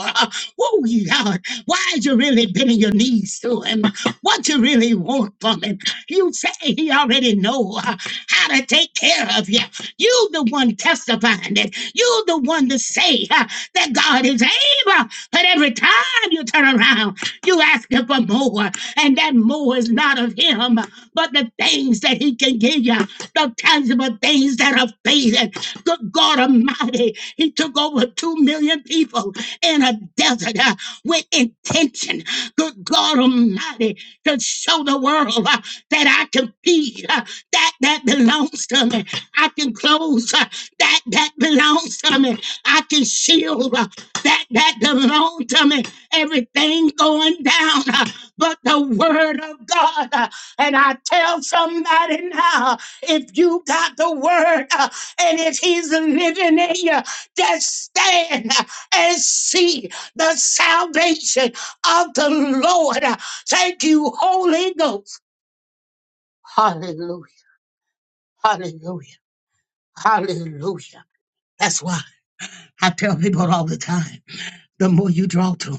Oh, Lord, why'd you really bending your knees to him? What you really want from him? You say he already know uh, how to take care of you. You the one testifying it. You the one to say uh, that God is able. But every time you turn around, you ask him for more. And that more is not of him, but the things that he can give you, the tangible things that are faded. Good God Almighty, he took over two million people in a desert uh, with intention, good God Almighty, to show the world uh, that I can feed uh, that that belongs to me. I can close uh, that that belongs to me. I can shield uh, that that belongs to me. Everything going down, uh, but the word of God. uh, and I tell somebody now, if you got the word uh, and if he's living in you, just stand. uh, and see the salvation of the Lord. Thank you, Holy Ghost. Hallelujah. Hallelujah. Hallelujah. That's why I tell people all the time the more you draw to Him.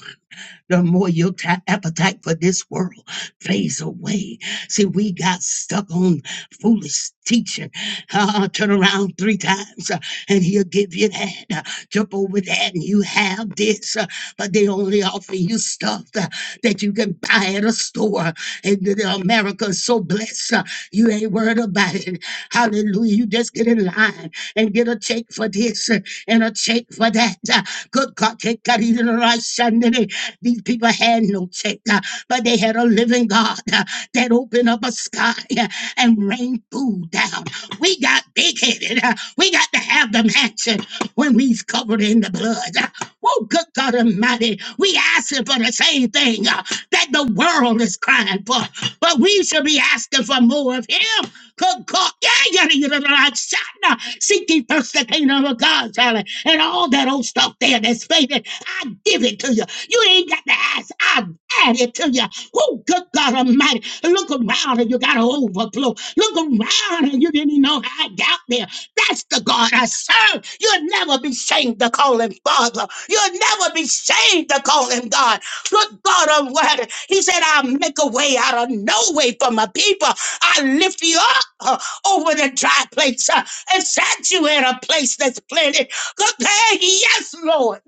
the more your ta- appetite for this world fades away. See, we got stuck on foolish teaching. Uh, turn around three times uh, and he'll give you that. Uh, jump over that and you have this. Uh, but they only offer you stuff uh, that you can buy at a store. And the, the America is so blessed, uh, you ain't worried about it. Hallelujah. You just get in line and get a check for this uh, and a check for that. Uh, Good God, take God, even right Sunday. These people had no check, uh, but they had a living God uh, that opened up a sky uh, and rained food down. We got big headed. We got to have the mansion when we's covered in the blood. Oh, good God Almighty, we asking for the same thing uh, that the world is crying for, but we should be asking for more of Him. Good God, yeah, yeah, yeah, yeah, yeah, yeah. Seek ye first the kingdom of God, darling, and all that old stuff there that's faded. I give it to you. You ain't got to ask. I add it to you. Oh, good God Almighty, look around and you got an overflow. Look around and you didn't even know how I got there. That's the God I serve. You'll never be ashamed to call him Father. You'll never be ashamed to call him God. Good God Almighty. He said, I'll make a way out of no way for my people. I lift you up uh, over the dry place uh, and set you in a place that's planted. Good God, yes, Lord.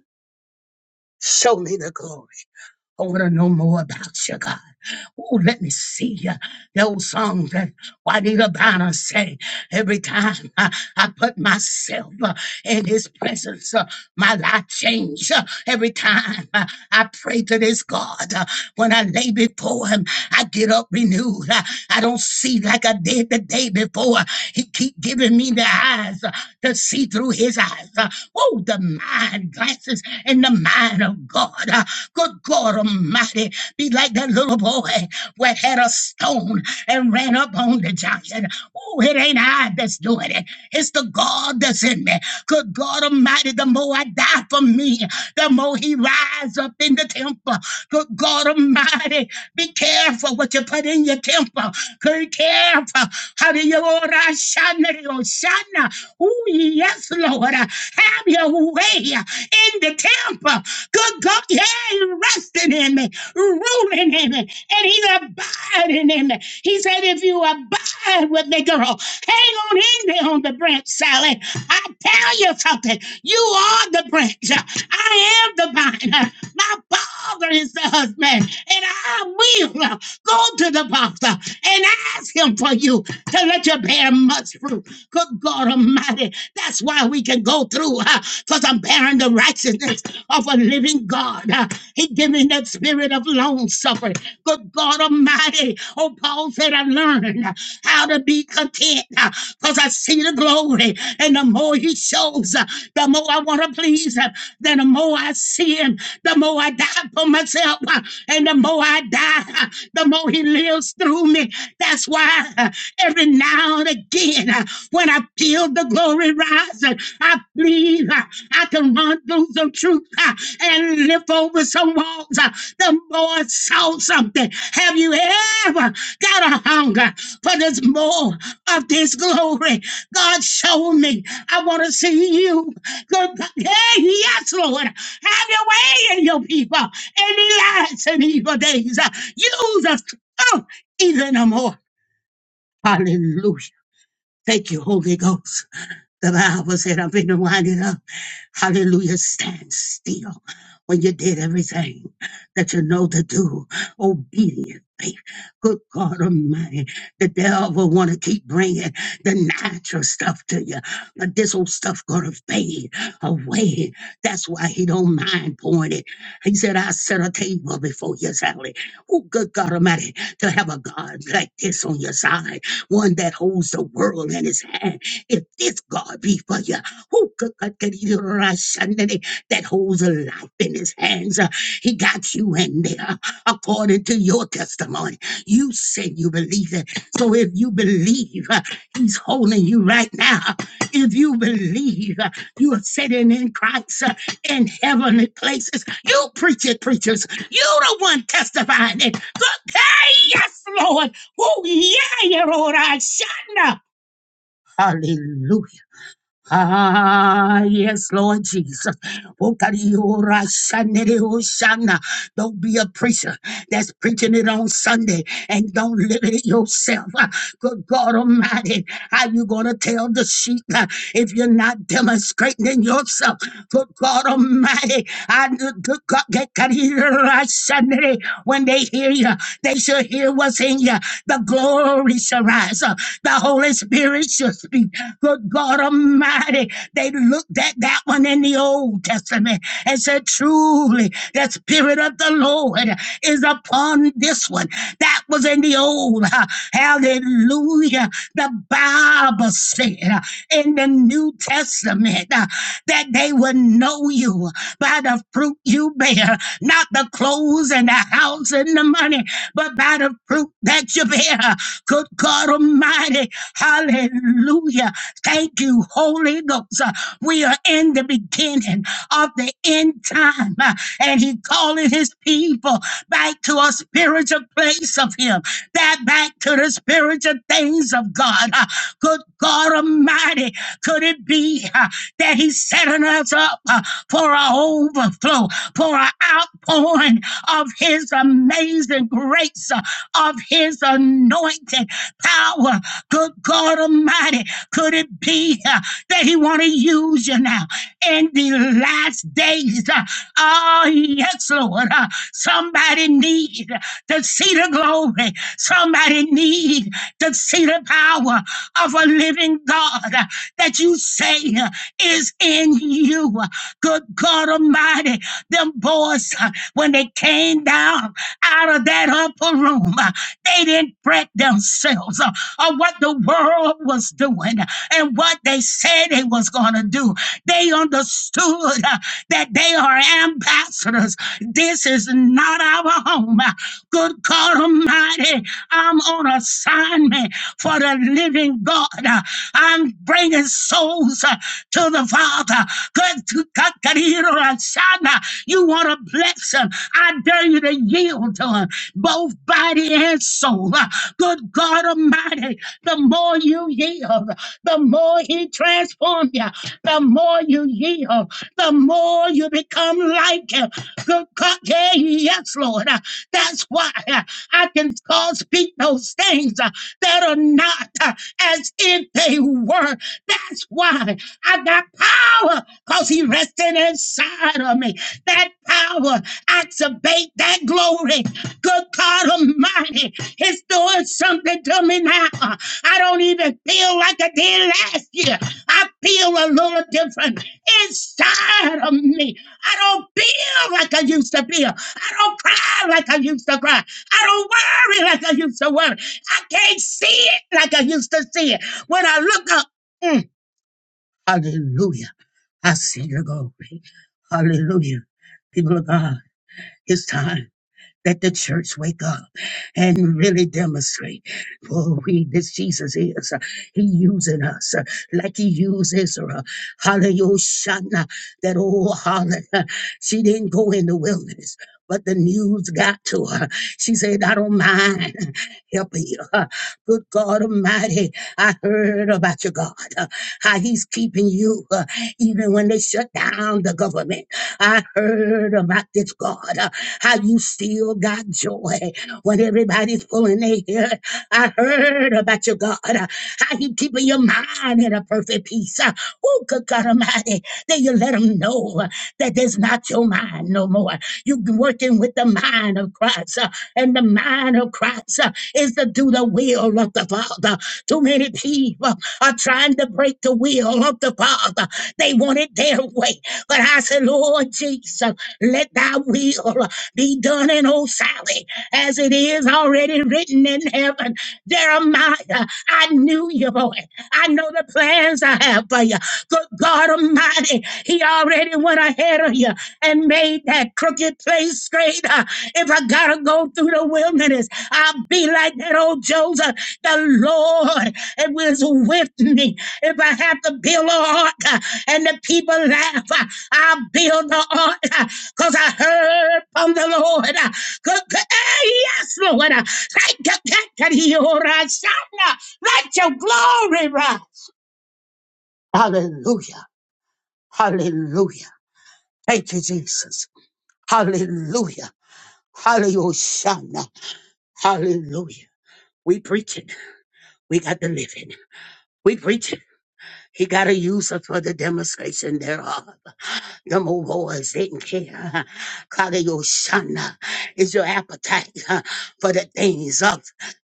Show me the glory. I want to know more about you, God. Oh, let me see you. The old song that why did Abana say, every time uh, I put myself uh, in his presence, uh, my life changed. Uh, Every time uh, I pray to this God, uh, when I lay before him, I get up renewed. Uh, I don't see like I did the day before. He keep giving me the eyes uh, to see through his eyes. Uh, Oh, the mind glances in the mind of God. Uh, Good God Almighty, be like that little boy where had a stone and ran up up on the giant. Oh, it ain't I that's doing it. It's the God that's in me. Good God Almighty, the more I die for me, the more he rise up in the temple. Good God Almighty, be careful what you put in your temple. Be careful. How do you order? Shana, oh, Shana. Oh, yes, Lord. Have your way in the temple. Good God, yeah, he resting in me, ruling in me, and he's abiding in me. He said said, if you abide with me, girl, hang on in there on the branch, Sally. I tell you something. You are the branch. I am the vine. My father is the husband. And I will go to the father and ask him for you to let you bear much fruit. Good God Almighty. That's why we can go through because I'm bearing the righteousness of a living God. Uh, he gave me that spirit of long suffering. Good God Almighty. Oh, Paul laws that I've learned uh, how to be content because I see the glory. And the more He shows, uh, the more I want to please Him. Then the more I see Him, the more I die for myself. uh, And the more I die, uh, the more He lives through me. That's why uh, every now and again, uh, when I feel the glory rising, I believe uh, I can run through some truth uh, and lift over some walls. uh, The more I saw something. Have you ever? Got a hunger, but there's more of this glory. God, show me. I want to see you. Good. Hey, yes, Lord. Have your way in your people. Any lives and evil days. Uh, Use us. Oh, even no more. Hallelujah. Thank you, Holy Ghost. The Bible said, I've been winding up. Hallelujah. Stand still when you did everything that you know to do. Obedient faith. Good God Almighty. The devil want to keep bringing the natural stuff to you, but this old stuff gonna fade away. That's why he don't mind pouring it. He said, "I set a table before you, Sally." Oh, good God Almighty, to have a God like this on your side, one that holds the world in his hand if this God be for you, who could could- could you rush under the- that holds a life in his hands? Uh, He got you in there according to your testimony. You said you believe it. So if you believe uh, he's holding you right now, if you believe uh, you are sitting in Christ uh, in heavenly places, you preach it, preachers. You the one testifying it. Good- Hey, yes, Lord. Oh, yeah, you're all right. Shut up. Hallelujah. Ah, yes, Lord Jesus. Okariyurashanereushana. Don't be a preacher that's preaching it on Sunday and don't live it yourself. Ah, Good God Almighty, how you going to tell the sheep ah, if you're not demonstrating it yourself? Good God Almighty, I, good God, Okariyurashanere. when they hear you, they should hear what's in you. The glory shall rise. up. The Holy Spirit shall speak. Good God Almighty, they looked at that one in the Old Testament and said, Truly, the Spirit of the Lord is upon this one. That was in the Old. Hallelujah. The Bible said uh, in the New Testament. uh, that they would know you by the fruit you bear, not the clothes and the house and the money, but by the fruit that you bear. Good God Almighty, hallelujah. Thank you, Holy Ghost. Uh, We are in the beginning of the end time, uh, and He calling His people back to a spiritual place of Him, that back to the spiritual things of God. Uh, Good God Almighty, could it be? uh, that yeah, he's setting us up uh, for our overflow, for our outpouring of his amazing grace, uh, of his anointed power. Good God Almighty, could it be uh, that he want to use you now in the last days? Uh, oh, yes, Lord. Uh, somebody need to see the glory. Somebody need to see the power of a living God uh, that you say. uh, is in you. Good God Almighty, them boys, uh, when they came down out of that upper room, uh, they didn't fret themselves uh, on what the world was doing and what they said they was going to do. They understood uh, that they are ambassadors. This is not our home. uh, Good God Almighty, I'm on assignment for the living God. Uh, I'm bringing souls uh, to the Father. Good to God, God, you know, Shana, you want to bless him. I dare you to yield to him, both body and soul. Uh, Good God Almighty, the more you yield, the more he transforms you. The more you yield, the more you become like him. Good God. Okay, yes, Lord. Uh, That's why uh, I can call speak those things uh, that are not uh, as if they were. That's why I got power because he rested inside of me. That power activate that glory. Good God Almighty, He's doing something to me now. Uh, I don't even feel like I did last year. I feel a little different inside of me. I don't feel like I used to feel. I don't cry like I used to cry. I don't worry like I used to worry. I can't see it like I used to see it. When I look up, mm, hallelujah, I see your glory. Hallelujah. People of God, it's time. Let the church wake up and really demonstrate for we this Jesus is. uh, He using us uh, like he used Israel. Hallelujah. That old harlot, uh, she didn't go in the wilderness. But the news got to her. She said, I don't mind [laughs] helping you. Uh, Good God Almighty, I heard about your God, uh, how He's keeping you, uh, even when they shut down the government. I heard about this, God, uh, how you still got joy when everybody's pulling their hair. I heard about you, God, uh, how you keeping your mind in a perfect peace. Uh, oh, good God Almighty, then you let them know uh, that there's not your mind no more. You've been working with the mind of Christ, uh, and the mind of Christ uh, is to do the will of the Father. Too many people are trying to break the will of the Father. They want it their way. But I said, Lord Jesus, let thy will be done in Old Sally as it is already written in heaven. Jeremiah, I knew you, boy. I know the plans I have for you. Good God Almighty, He already went ahead of you and made that crooked place straight. Uh, if I gotta go through the wilderness, I'll be like that old Joseph. The Lord it was with me. If I have to build an ark uh, and the people laugh, uh, I'll build the ark because I heard from the Lord. Uh, good- good- eh, yes, Lord. Uh, thank you, thank you, Lord. I shall Let your glory rise. Hallelujah. Hallelujah. Thank you, Jesus. Hallelujah. Hallelujah. Hallelujah. We preaching. We got the living. We preaching. He got to use us for the demonstration thereof. Number one, Kagayoshana is your appetite uh, for the things of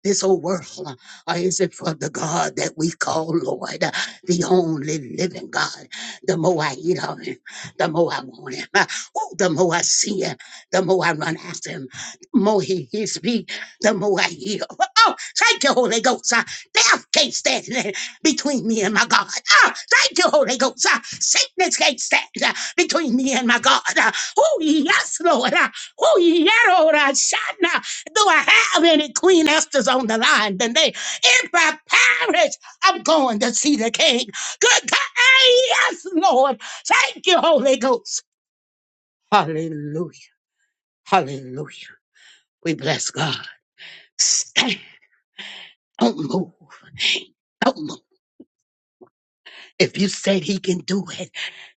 this old world, uh, or is it for the God that we call Lord, uh, the only living God? The more I eat of Him, the more I want Him. Uh, Oh, the more I see Him, the more I run after Him. The more He hears me, the more I hear. Oh, thank you, Holy Ghost. Uh, Death can't stand uh, between me and my God. Oh, thank you, Holy Ghost. Uh, Sickness can't stand. huh? between me and my God. Oh, yes, Lord. Oh, yeah, Lord. I shall not. Do I have any Queen Esther's on the line today? If I perish, I'm going to see the King. Good God. Ah, Yes, Lord. Thank you, Holy Ghost. Hallelujah. Hallelujah. We bless God. Stand. Don't move. Don't move. If you said he can do it,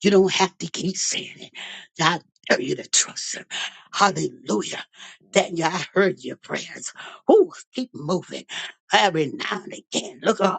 you don't have to keep saying it. God I dare you to trust him. Hallelujah. Daniel, I heard your prayers. Ooh, keep moving. Every now and again. Look up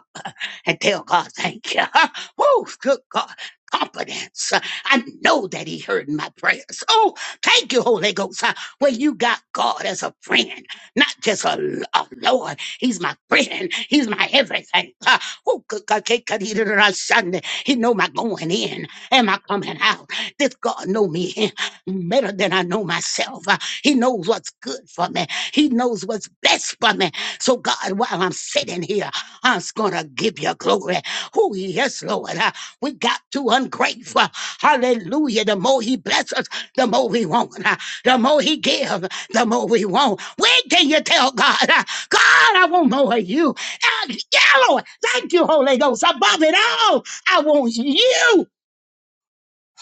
and tell God thank you. [laughs] Woo, good God. Confidence. I know that He heard my prayers. Oh, thank you, Holy Ghost. Well, you got God as a friend, not just a, a Lord. He's my friend. He's my everything. Uh, Oh, good God. can't cut it on a Sunday. He know my going in and my coming out. This God know me better than I know myself. Uh, He knows what's good for me. He knows what's best for me. So God, while I'm sitting here. I's gonna give you glory. Oh, yes, Lord. Uh, we got too ungrateful. Hallelujah. The more he blesses, us, the more we want. Uh, the more he gives, the more we want. When can you tell God, uh, God, I want more of you? Uh, yeah, Lord. Thank you, Holy Ghost. Above it all, I want you.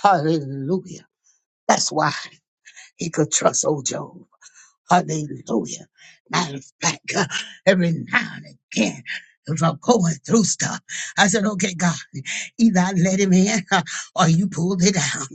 Hallelujah. That's why he could trust old Job. Hallelujah. Matter of fact, [laughs] uh, every now and again, if I'm going through stuff, I said, okay, God. Either I let him in [laughs] or you pulled it down.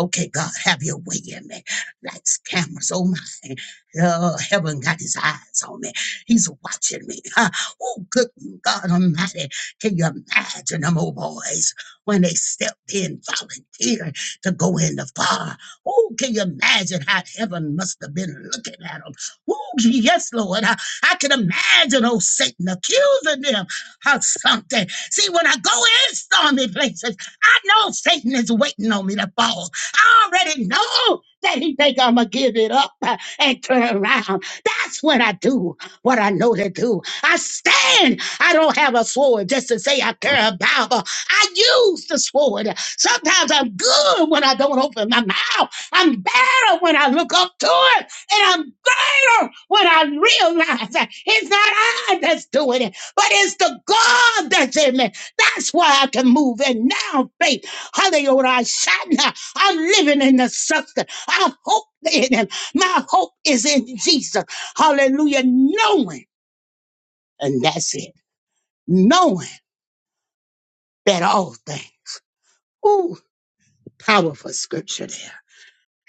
Okay, God, have your way in me. Lights, cameras, oh my. Oh, heaven got his eyes on me. He's watching me. [laughs] Huh? Oh, good God Almighty. Can you imagine them old boys when they stepped in, volunteered to go in the fire? Oh, can you imagine how heaven must have been looking at them? Oh, yes, Lord. I, I can imagine old Satan accusing them of something. See, when I go in stormy places, I know Satan is waiting on me to fall. I already know that he think I'm gonna give it up uh, and turn around. That's when I do what I know to do. I stand. I don't have a sword just to say I carry a Bible. I use the sword. Sometimes I'm good when I don't open my mouth. I'm better when I look up to it, and I'm greater when I realize that it's not I that's doing it but it's the God that's in me. That's why I can move. And now faith, hallelujah, I shout now. I'm living in the substance. I hope in him. My hope is in Jesus. Hallelujah. Knowing, and that's it. Knowing that all things. Ooh, powerful scripture there.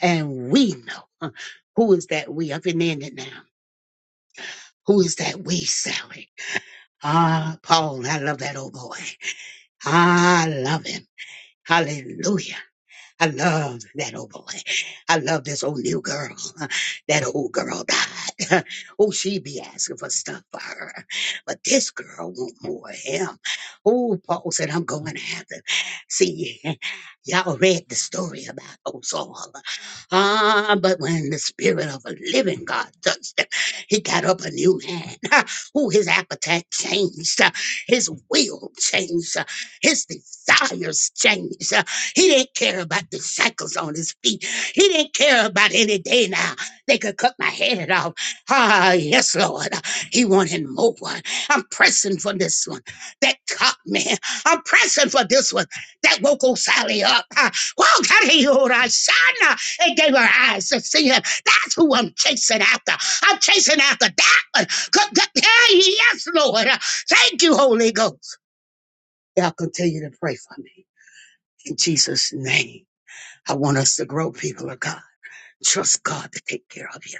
And we know. huh, Who is that we? I've been in it now. Who is that we, Sally? Ah, Paul, I love that old boy. Ah, I love him. Hallelujah. I love that old boy. I love this old new girl. That old girl died. [laughs] Oh, she be asking for stuff for her. But this girl want more of him. Oh, Paul said, I'm going after. See, [laughs] y'all read the story about old Saul. Ah, but when the spirit of a living God touched him, he got up a new man. [laughs] Oh, his appetite changed. His will changed. His desires changed. He didn't care about the shackles on his feet. He didn't care about any day now. They could cut my head off. Ah, yes, Lord. He wanted more. I'm pressing for this one. That caught me. I'm pressing for this one. That woke old Sally up. Ah, Well, God, he hold our son. Ah, It gave her eyes to see him. That's who I'm chasing after. I'm chasing after that one. Good, good. Hey, yes, Lord. Ah, Thank you, Holy Ghost. Y'all continue to pray for me. In Jesus' name. I want us to grow, people of God. Trust God to take care of you.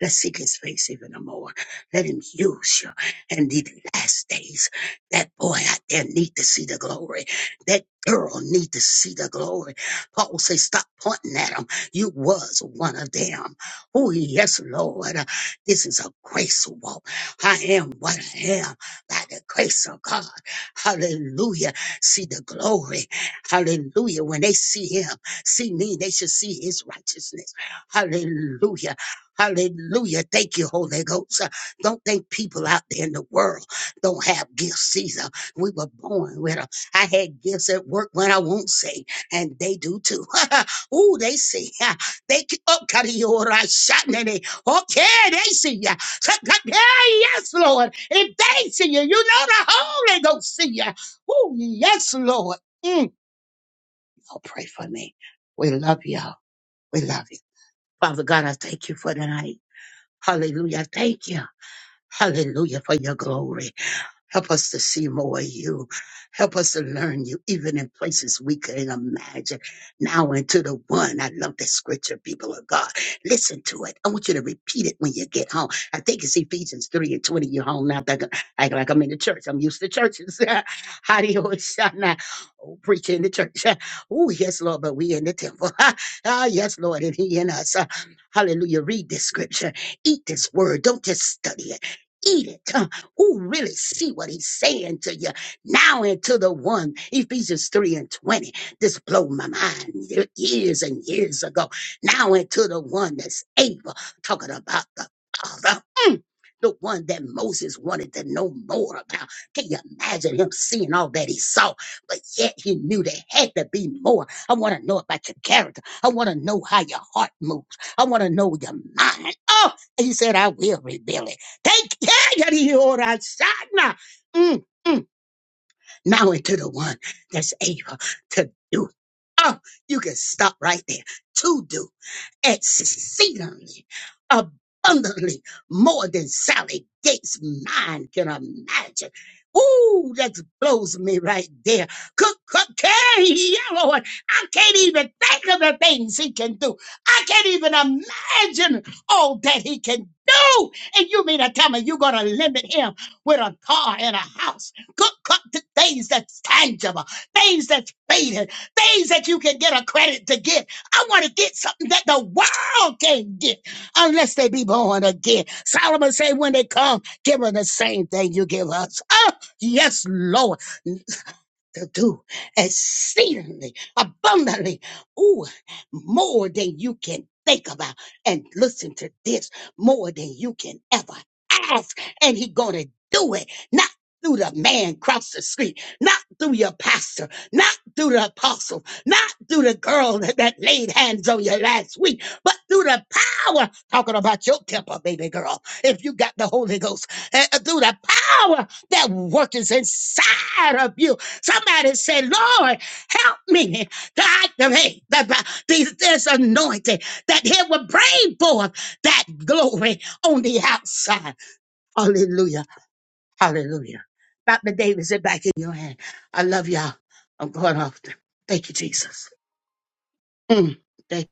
Let's seek his face even no more. Let him use you. And the last days, that boy out there need to see the glory. That girl need to see the glory. Paul says, stop pointing at him. You was one of them. Oh, yes, Lord. This is a grace walk. I am what I am by the grace of God. Hallelujah. See the glory. Hallelujah. When they see him, see me, they should see his righteousness. Hallelujah. Hallelujah. Thank you, Holy Ghost. Uh, Don't think people out there in the world don't have gifts either. We were born with them. I had gifts at work when I won't say, and they do too. [laughs] Ooh, they see. Uh, They c- oh, God, you all right, shot in it. Okay, they see you. [laughs] Yes, Lord. If they see you, you know the Holy Ghost see you. Oh, yes, Lord. Mm. Oh, pray for me. We love y'all. We love you. Father God, I thank you for tonight. Hallelujah. Thank you. Hallelujah for your glory. Help us to see more of you. Help us to learn you, even in places we couldn't imagine. Now into the one. I love that scripture, people of God. Listen to it. I want you to repeat it when you get home. I think it's Ephesians 3 and 20. You're home now. Think- Act like like I'm in the church. I'm used to churches. [laughs] How do you [laughs] always shout now? Oh, preaching in the church. [laughs] Oh, yes, Lord, but we in the temple. [laughs] ah, yes, Lord, and He in us. Ah, Hallelujah. Read this scripture. Eat this word. Don't just study it. Eat it. [laughs] Who really see what he's saying to you. Now into the one, Ephesians 3 and 20. This blew my mind years and years ago. Now into the one that's able, talking about the Father the one that Moses wanted to know more about. Can you imagine him seeing all that he saw? But yet he knew there had to be more. I want to know about your character. I want to know how your heart moves. I want to know your mind. Oh, he said, I will reveal it. Thank you. Mm, mm now into the one that's able to do. Oh, you can stop right there. To do exceedingly abundantly more than Sally Gates' mind can imagine. Ooh, that blows me right there. Cook, cook, carry, Lord. I can't even think of the things he can do. I can't even imagine all that he can do. And you mean to tell me you're going to limit him with a car and a house? Look up to things that's tangible, things that's faded, things that you can get a credit to get. I want to get something that the world can't get unless they be born again. Solomon said, when they come, give them the same thing you give us. Oh, yes, Lord to do exceedingly abundantly, ooh, more than you can think about. And listen to this, more than you can ever ask. And he gonna do it, not through the man across the street, not through your pastor, not through the apostle, not through the girl that, that laid hands on you last week, but through the power, talking about your temper, baby girl, if you got the Holy Ghost, eh, eh, through the power that works inside of you Somebody said, Lord, help me to activate the, the- this anointing that it will bring forth that glory on the outside. Hallelujah. Hallelujah. Dr. Davis, it back in your hand. I love y'all. I'm going off. Thank you, Jesus. Mm. Thank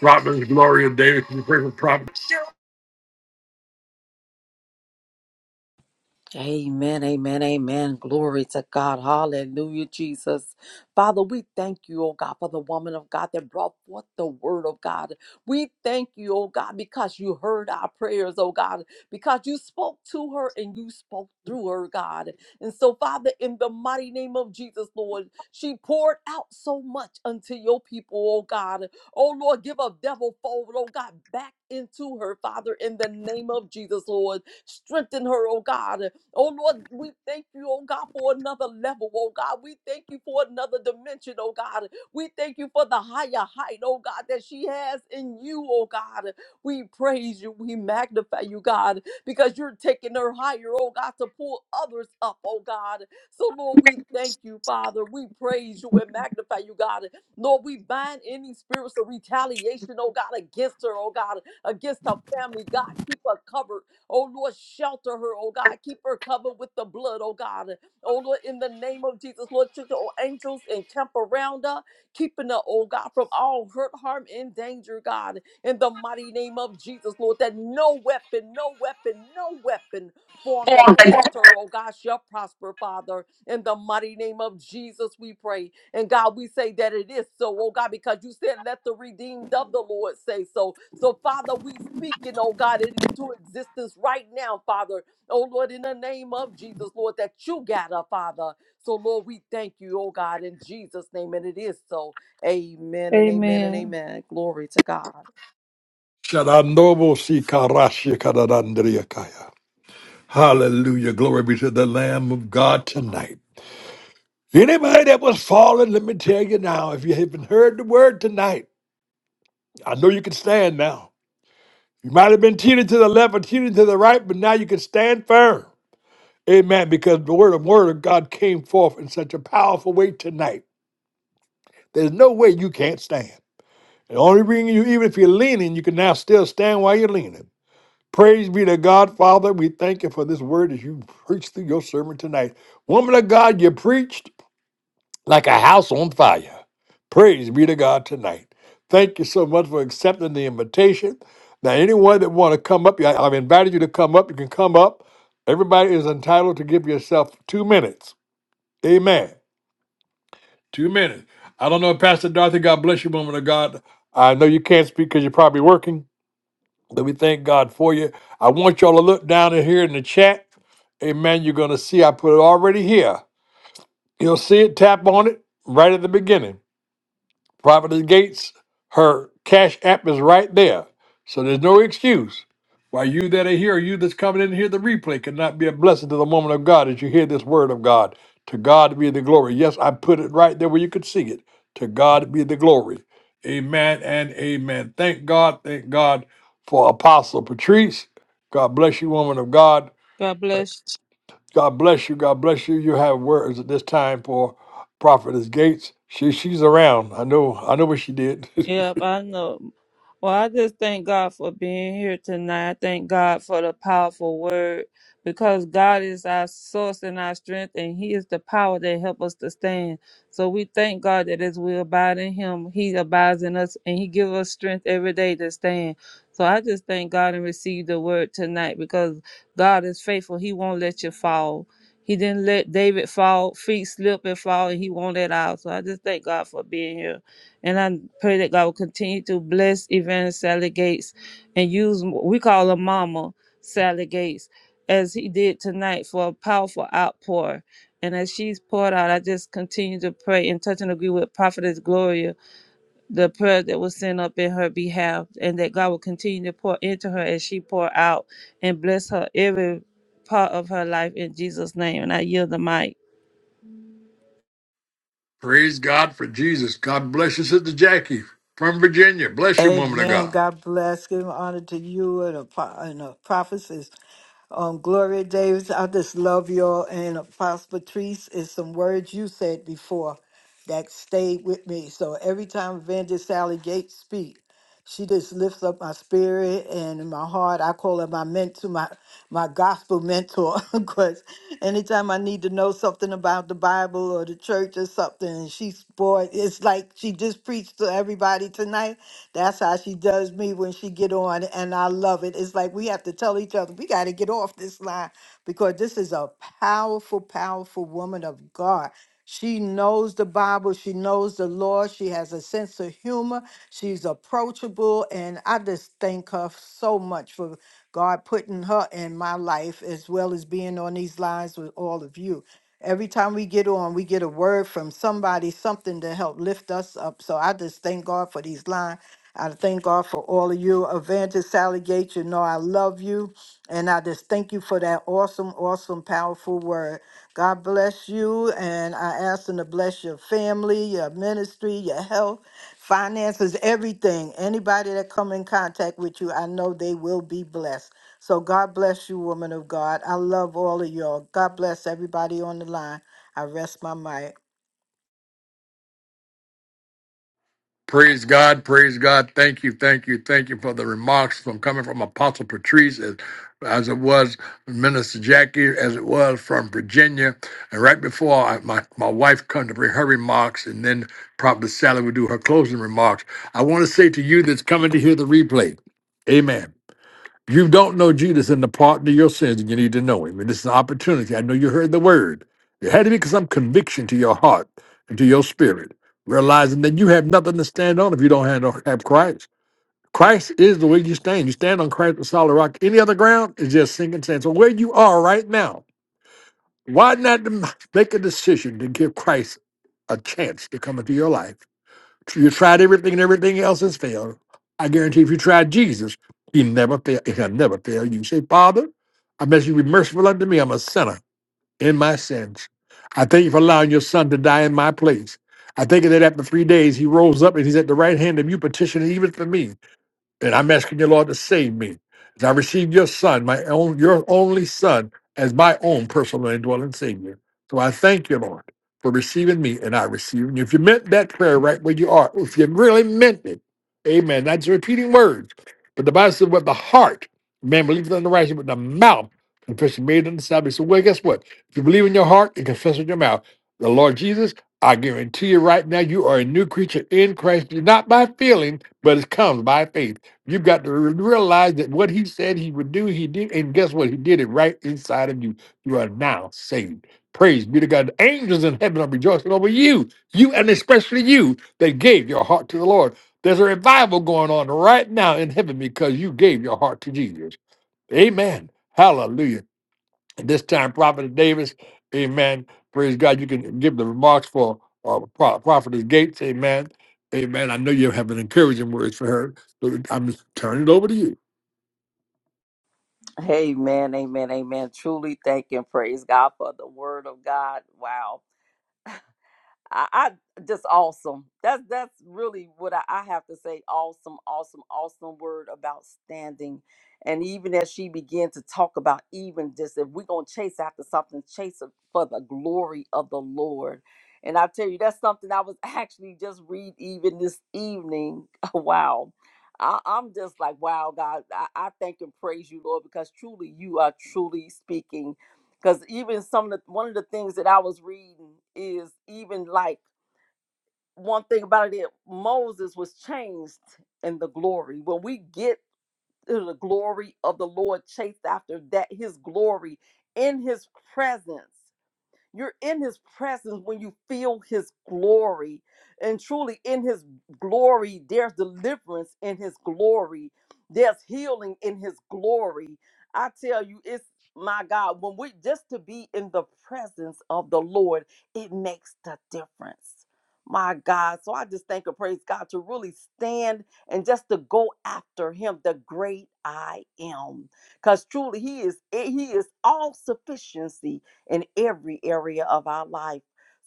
Providence, glory of David. We pray for Providence.
Amen, amen, amen. Glory to God. Hallelujah, Jesus. Father, we thank you, oh God, for the woman of God that brought forth the word of God. We thank you, oh God, because you heard our prayers, oh God, because you spoke to her and you spoke through her, God. And so, Father, in the mighty name of Jesus, Lord, she poured out so much unto your people, oh God. Oh Lord, give a devil fold, oh God, back into her, Father, in the name of Jesus, Lord. Strengthen her, oh God. Oh Lord, we thank you, oh God, for another level, oh God. We thank you for another dimension, oh God. We thank you for the higher height, oh God, that she has in you, oh God. We praise you, we magnify you, God, because you're taking her higher, oh God, to pull others up, oh God. So, Lord, we thank you, Father. We praise you and magnify you, God. Lord, we bind any spirits of retaliation, oh God, against her, oh God, against her family, God. Keep her covered Oh Lord, shelter her, oh God. Keep her covered with the blood, oh God. Oh Lord, in the name of Jesus, Lord, should your angels encamp around her, keeping her, oh God, from all hurt, harm, and danger, God. In the mighty name of Jesus, Lord, that no weapon, no weapon, no weapon formed against her, oh God, shall prosper, Father. In the mighty name of Jesus, we pray. And God, we say that it is so, oh God, because you said, let the redeemed of the Lord say so. So, Father, we speaking, oh God, it into existence right now, Father. Oh Lord, in the name of Jesus, Lord, that you got up, Father. So, Lord, we thank you, oh God, in Jesus' name. And it is so. Amen and amen and
Amen.
amen. Glory to God.
Shadandobo sikarashia kadadandria kaya. Hallelujah. Glory be to the Lamb of God tonight. Anybody that was fallen, let me tell you now, if you haven't heard the word tonight, I know you can stand now. You might have been teeter to the left or teeter to the right, but now you can stand firm. Amen. Because the word of word of God came forth in such a powerful way tonight. There's no way you can't stand. The only reason you, even if you're leaning, you can now still stand while you're leaning. Praise be to God, Father. We thank you for this word as you preached through your sermon tonight. Woman of God, you preached. like a house on fire. Praise be to God tonight. Thank you so much for accepting the invitation. Now, anyone that want to come up, I- I've invited you to come up. You can come up. Everybody is entitled to give yourself two minutes. Amen. Two minutes. I don't know, Pastor Dorothy. God bless you, woman of God. I know you can't speak because you're probably working, but we thank God for you. I want y'all to look down in here in the chat. Amen. You're going to see I put it already here. You'll see it. Tap on it right at the beginning Prophetess Gates, her cash app is right there. So there's no excuse why you that are here, you that's coming in here? the replay, cannot be a blessing to the woman of God as you hear this word of God. To God be the glory. Yes, I put it right there where you could see it. To God be the glory. Amen and amen. Thank God, thank God for Apostle Patrice. God bless you, woman of God.
God bless
God bless you. God bless you. You have words at this time for Prophetess Gates. She she's around. I know I know what she did. [laughs]
Yep, I know. Well, I just thank God for being here tonight. I thank God for the powerful word because God is our source and our strength, and He is the power that helps us to stand. So we thank God that as we abide in Him, He abides in us, and He gives us strength every day to stand. So I just thank God and receive the word tonight because God is faithful. He won't let you fall. He didn't let David fall, feet slip and fall, and He won't let out. So I just thank God for being here. And I pray that God will continue to bless Evangelist Sally Gates and use, we call her Mama Sally Gates, as he did tonight for a powerful outpour. And as she's poured out, I just continue to pray and touch and agree with Prophetess Gloria, the prayer that was sent up in her behalf, and that God will continue to pour into her as she pour out and bless her every part of her life in Jesus' name. And I yield the mic.
Praise God for Jesus. God bless you, Sister Jackie from Virginia. Bless you, woman of
Amen.
God.
God bless. Give honor to you and the, pro- and the prophecies. Um, Gloria Davis, I just love y'all. And Apostle Patrice is some words you said before that stayed with me. So every time Evangelist Sally Gates speak, she just lifts up my spirit and my heart. I call her my mentor, my, my gospel mentor. [laughs] Because anytime I need to know something about the Bible or the church or something, and she's boy, it's like she just preached to everybody tonight. That's how she does me when she get on, and I love it. It's like we have to tell each other we got to get off this line because this is a powerful, powerful woman of God. She knows the Bible. She knows the Lord. She has a sense of humor. She's approachable, and I just thank her so much for God putting her in my life as well as being on these lines with all of you. Every time we get on, we get a word from somebody, something to help lift us up. So I just thank God for these lines. I thank God for all of you. Evangelist Sally Gates, you know I love you. And I just thank you for that awesome, awesome, powerful word. God bless you. And I ask Him to bless your family, your ministry, your health, finances, everything. Anybody that come in contact with you, I know they will be blessed. So God bless you, woman of God. I love all of y'all. God bless everybody on the line. I rest my mic.
Praise God. Praise God. Thank you. Thank you. Thank you for the remarks from coming from Apostle Patrice as, as it was Minister Jackie, as it was from Virginia. And right before I, my, my wife come to bring her remarks and then Prophet Sally would do her closing remarks, I want to say to you that's coming to hear the replay, Amen. You don't know Jesus in the pardon of your sins, and you need to know him. And this is an opportunity. I know you heard the word. There had to be some conviction to your heart and to your spirit, realizing that you have nothing to stand on if you don't have, have Christ. Christ is the way you stand. You stand on Christ the solid rock. Any other ground is just sinking sand. So where you are right now, why not make a decision to give Christ a chance to come into your life? You tried everything and everything else has failed. I guarantee if you tried Jesus, he never fail. He'll never fail you. Say, Father, I ask you to be merciful unto me. I'm a sinner in my sins. I thank you for allowing your son to die in my place. I thank you that after three days he rose up and he's at the right hand of you petitioning even for me. And I'm asking you, Lord, to save me. As I receive your son, my own, your only son, as my own personal indwelling savior. So I thank you, Lord, for receiving me and I receive you. If you meant that prayer right where you are, if you really meant it, amen. Not just repeating words, but the Bible says, with the heart, man believes in the righteous, with the mouth, confession made unto salvation. So, well, guess what? If you believe in your heart and confess with your mouth, the Lord Jesus, I guarantee you right now, you are a new creature in Christ. You're not by feeling, but it comes by faith. You've got to re- realize that what he said he would do, he did. And guess what? He did it right inside of you. You are now saved. Praise be to God. The angels in heaven are rejoicing over you, you and especially you that gave your heart to the Lord. There's a revival going on right now in heaven because you gave your heart to Jesus. Amen. Hallelujah. At this time, Prophet Davis, amen. Praise God. You can give the remarks for uh, Pro- Prophet Gates, amen. Amen. I know you have an encouraging words for her. So I'm just turning it over to you.
Amen, amen, amen. Truly thank and praise God for the word of God. Wow. I, I just awesome. That's that's really what I, I have to say. Awesome, awesome, awesome word about standing. And even as she began to talk about even this, if we're gonna chase after something, chase it for the glory of the Lord. And I tell you, that's something I was [laughs] actually just read even this evening. [laughs] Wow. I, I'm just like, wow, God, I, I thank and praise you, Lord, because truly you are truly speaking because even some of the one of the things that I was reading is even like one thing about it is Moses was changed in the glory. When we get to the glory of the Lord, chased after that His glory in His presence. You're in his presence when you feel his glory. And truly, in his glory, there's deliverance in his glory, there's healing in his glory. I tell you, it's my God, when we just to be in the presence of the Lord, it makes the difference. My God. So I just thank and praise God to really stand and just to go after him, the great I am. Because truly he is he is all sufficiency in every area of our life.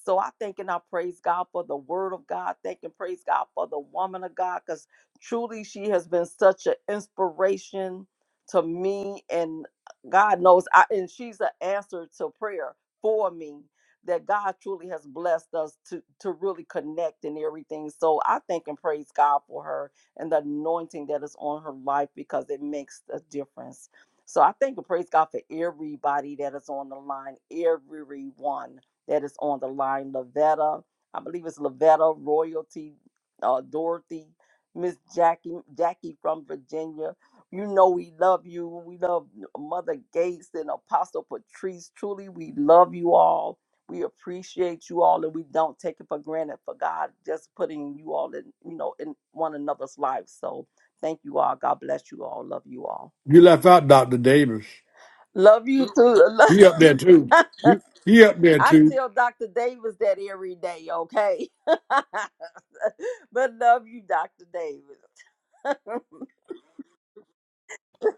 So I thank and I praise God for the word of God. Thank and praise God for the woman of God because truly she has been such an inspiration to me. And God knows, I, and she's an answer to prayer for me that God truly has blessed us to, to really connect and everything. So I thank and praise God for her and the anointing that is on her life because it makes a difference. So I thank and praise God for everybody that is on the line, everyone that is on the line. Lavetta, I believe it's Lavetta, Royalty, uh, Dorothy, Miss Jackie, Jackie from Virginia. You know we love you. We love Mother Gates and Apostle Patrice. Truly, we love you all. We appreciate you all, and we don't take it for granted. For God, just putting you all in, you know, in one another's lives. So thank you all. God bless you all. Love you all.
You left out Dr. Davis.
Love you too. [laughs]
He up there too. He, he up there
I
too.
tell Dr. Davis that every day, okay? [laughs] but love you, Dr. Davis.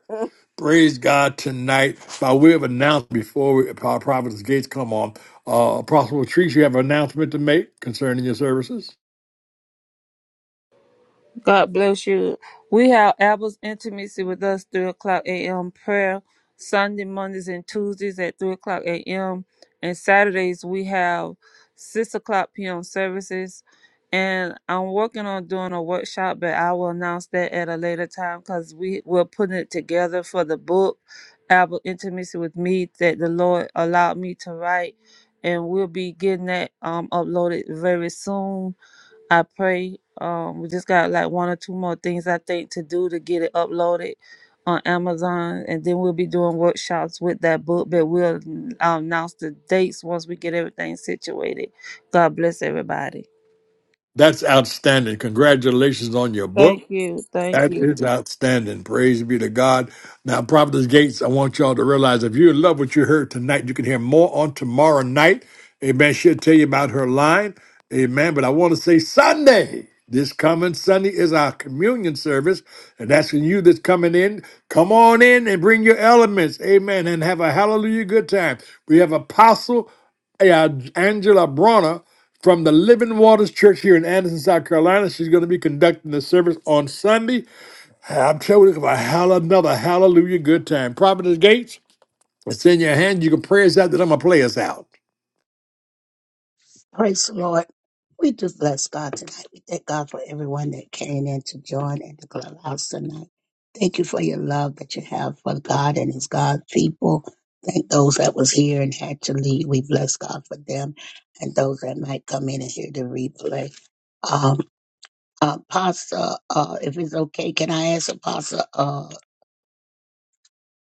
[laughs]
Praise God tonight. By way of announcement before we, our Prophet Gates come on, uh, Apostle Trees, you have an announcement to make concerning your services?
God bless you. We have Abel's intimacy with us, 3 o'clock a.m. prayer, Sunday, Mondays, and Tuesdays at 3 o'clock a.m. And Saturdays, we have 6 o'clock p.m. services. And I'm working on doing a workshop, but I will announce that at a later time because we, we're putting it together for the book, Abel Intimacy with Me, that the Lord allowed me to write. And we'll be getting that um, uploaded very soon I pray um, we just got like one or two more things I think to do to get it uploaded on Amazon, and then we'll be doing workshops with that book. But we'll um, announce the dates once we get everything situated. God bless everybody.
That's outstanding. Congratulations on your book.
Thank you, thank
That
you.
is outstanding. Praise be to God. Now, Providence Gates, I want y'all to realize if you love what you heard tonight, you can hear more on tomorrow night. Amen. She'll tell you about her line. Amen. But I want to say Sunday. This coming Sunday is our communion service. And that's when you that's coming in, come on in and bring your elements. Amen. And have a hallelujah good time. We have Apostle uh, Angela Bronner from the Living Waters Church here in Anderson, South Carolina. She's going to be conducting the service on Sunday. I'm telling you about hall- another hallelujah good time. Providence Gates, it's in your hand. You can pray us out, then I'm going to play us out.
Praise the Lord. We do bless God tonight. We thank God for everyone that came in to join in the clubhouse tonight. Thank you for your love that you have for God and His God people. Thank those that was here and had to leave. We bless God for them and those that might come in and hear the replay. Um, Apostle, uh, if it's okay, can I ask Apostle, uh,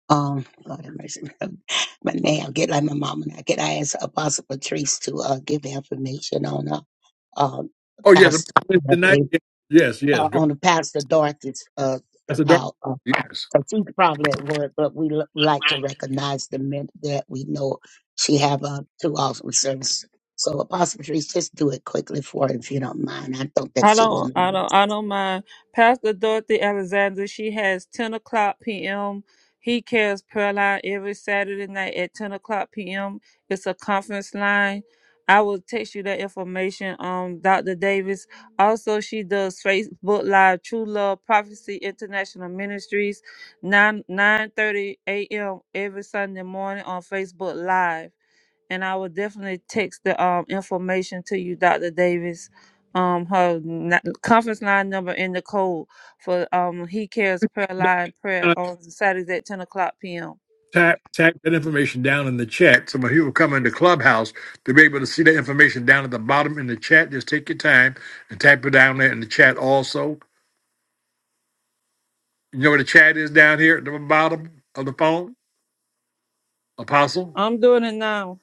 um, Lord have mercy, [laughs] my name, I get like my mom and I, can I ask Apostle Patrice to, uh, give the information on, uh, uh,
Oh, yes. a
Pastor
prayer Tonight?
Dorothy,
Yes, yes.
uh,
Go-
on Pastor Dorothy's uh,
That's a dark.
out. Uh,
Yes.
'cause she's probably at work, but we l- like to recognize the men that we know she have uh, two awesome services. So Apostle Patrice, just do it quickly for her if you don't mind. I don't think
I
she will.
don't, I don't, I don't mind. Pastor Dorothy Alexander, she has 10 o'clock p.m. He cares prayer line every Saturday night at 10 o'clock p.m. It's a conference line. I will text you that information, um, Dr. Davis. Also, she does Facebook Live True Love Prophecy International Ministries, 9 9 30 a.m. every Sunday morning on Facebook Live and I will definitely text the um, information to you, Dr. Davis. Um, her n- conference line number and the code for um, He Cares Prayer Line Prayer
Uh,
on Saturdays at 10 o'clock p.m.
Tap, tap that information down in the chat. Some of you will come into Clubhouse to be able to see that information down at the bottom in the chat. Just take your time and tap it down there in the chat also. You know where the chat is down here at the bottom of the phone? Apostle?
I'm doing it now.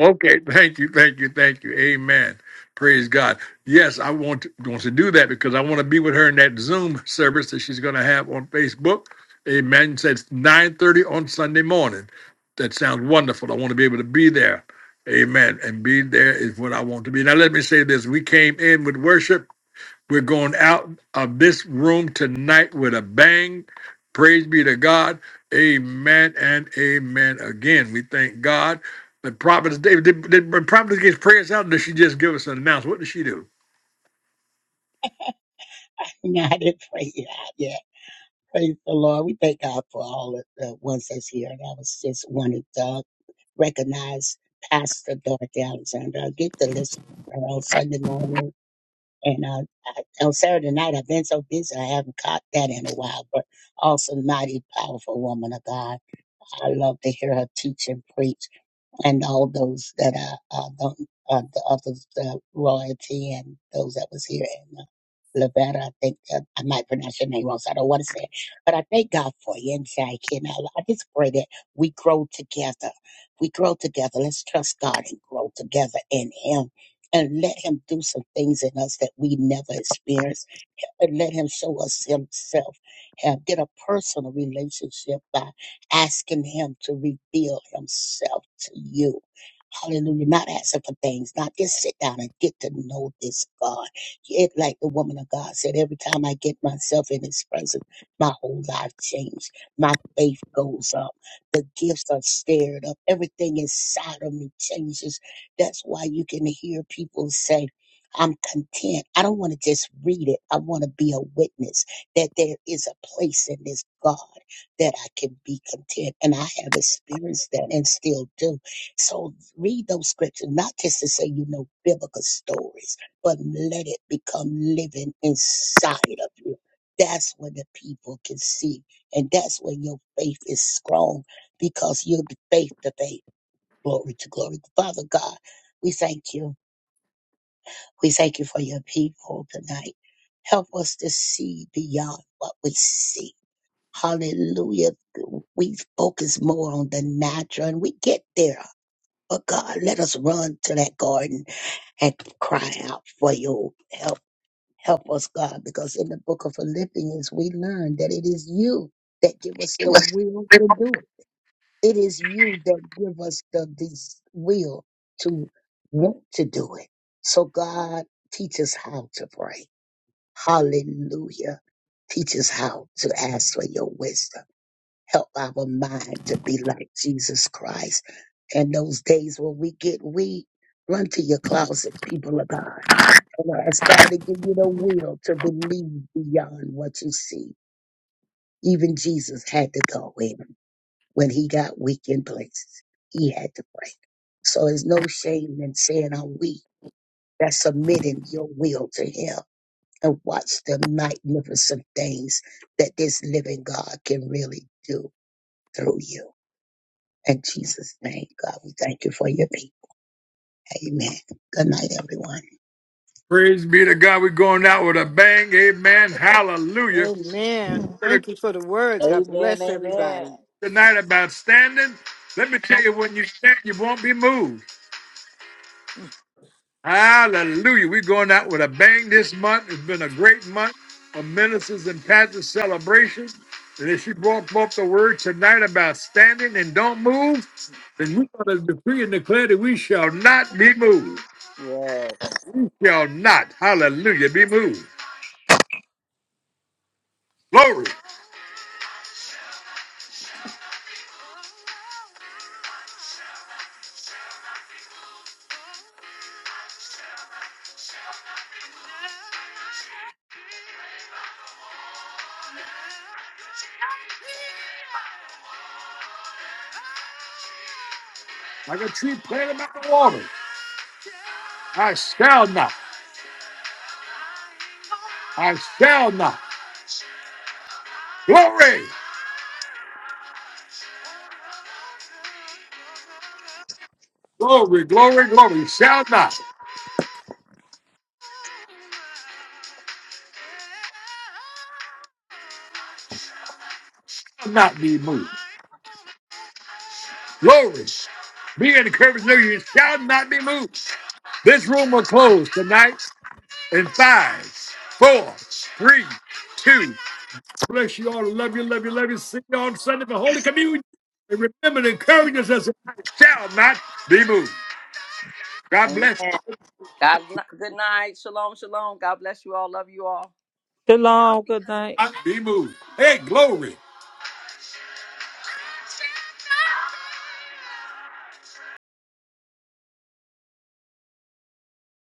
Okay, thank you, thank you, thank you. Amen. Praise God. Yes, I want to, want to do that because I want to be with her in that Zoom service that she's going to have on Facebook. Amen. Says nine thirty on Sunday morning. That sounds wonderful. I want to be able to be there. Amen. And be there is what I want to be. Now let me say this: We came in with worship. We're going out of this room tonight with a bang. Praise be to God. Amen and amen. Again, we thank God. The prophetess David did, did when prophetess gets prayers out, or did she just give us an announcement? What did she do?
No, [laughs] I didn't pray it out yet. Praise the Lord. We thank God for all of the ones that's here. And I was just wanted to uh, recognize Pastor Dorothy Alexander. I get to listen to her on Sunday morning And uh, I, on Saturday night, I've been so busy, I haven't caught that in a while. But also, mighty powerful woman of God. I love to hear her teach and preach and all those that are uh, the, uh, the others, the royalty and those that was here in uh, Lavetta. I think uh, I might pronounce your name wrong, so I don't want to say it. But I thank God for you and Jackie. And I, I just pray that we grow together. We grow together. Let's trust God and grow together in Him. And let him do some things in us that we never experienced and let him show us himself. Have get a personal relationship by asking him to reveal himself to you. Hallelujah. Not asking for things, not just sit down and get to know this God. It like the woman of God said, every time I get myself in his presence, my whole life changes. My faith goes up. The gifts are stirred up. Everything inside of me changes. That's why you can hear people say, I'm content. I don't want to just read it. I want to be a witness that there is a place in this God that I can be content. And I have experienced that and still do. So read those scriptures, not just to say you know biblical stories, but let it become living inside of you. That's when the people can see. And that's when your faith is strong because you're the faith to faith. Glory to glory. Father God, we thank you. We thank you for your people tonight. Help us to see beyond what we see. Hallelujah. We focus more on the natural and we get there. But God, let us run to that garden and cry out for your help. Help us, God, because in the book of Philippians, we learn that it is you that give us the will to do it. It is you that give us the, the will to want to do it. So God teach us how to pray. Hallelujah. Teach us how to ask for your wisdom. Help our mind to be like Jesus Christ. And those days when we get weak, run to your closet, people of God. And ask God to give you the will to believe beyond what you see. Even Jesus had to go in. When he got weak in places, he had to pray. So there's no shame in saying I'm weak. That's submitting your will to him and watch the magnificent things that this living God can really do through you. In Jesus' name, God, we thank you for your people. Amen. Good night, everyone.
Praise be to God. We're going out with a bang. Amen. Hallelujah.
Amen.
Heard
Thank you for the word. God
amen,
bless
amen.
everybody.
a- Tonight about standing. Let me tell you, when you stand, you won't be moved. Hallelujah. We're going out with a bang this month. It's been a great month of ministers and pastors celebration. And if she brought forth the word tonight about standing and don't move, then we're going to decree and declare that we shall not be moved.
Yes,
We shall not, hallelujah, be moved. Glory. Like a tree planted by the water. I shall not. I shall not. Glory. Glory, glory, glory. Shall not. Shall not be moved. Glory. Be encouraged, no, you shall not be moved. This room will close tonight in five, four, three, two. Bless you all. Love you, love you, love you. See you on Sunday for Holy Communion. And remember to encourage us as I shall not be moved. God
amen.
bless you.
God, good night. Shalom, shalom. God bless you all. Love you all.
Shalom. Good night.
Shall Not be moved. Hey, glory.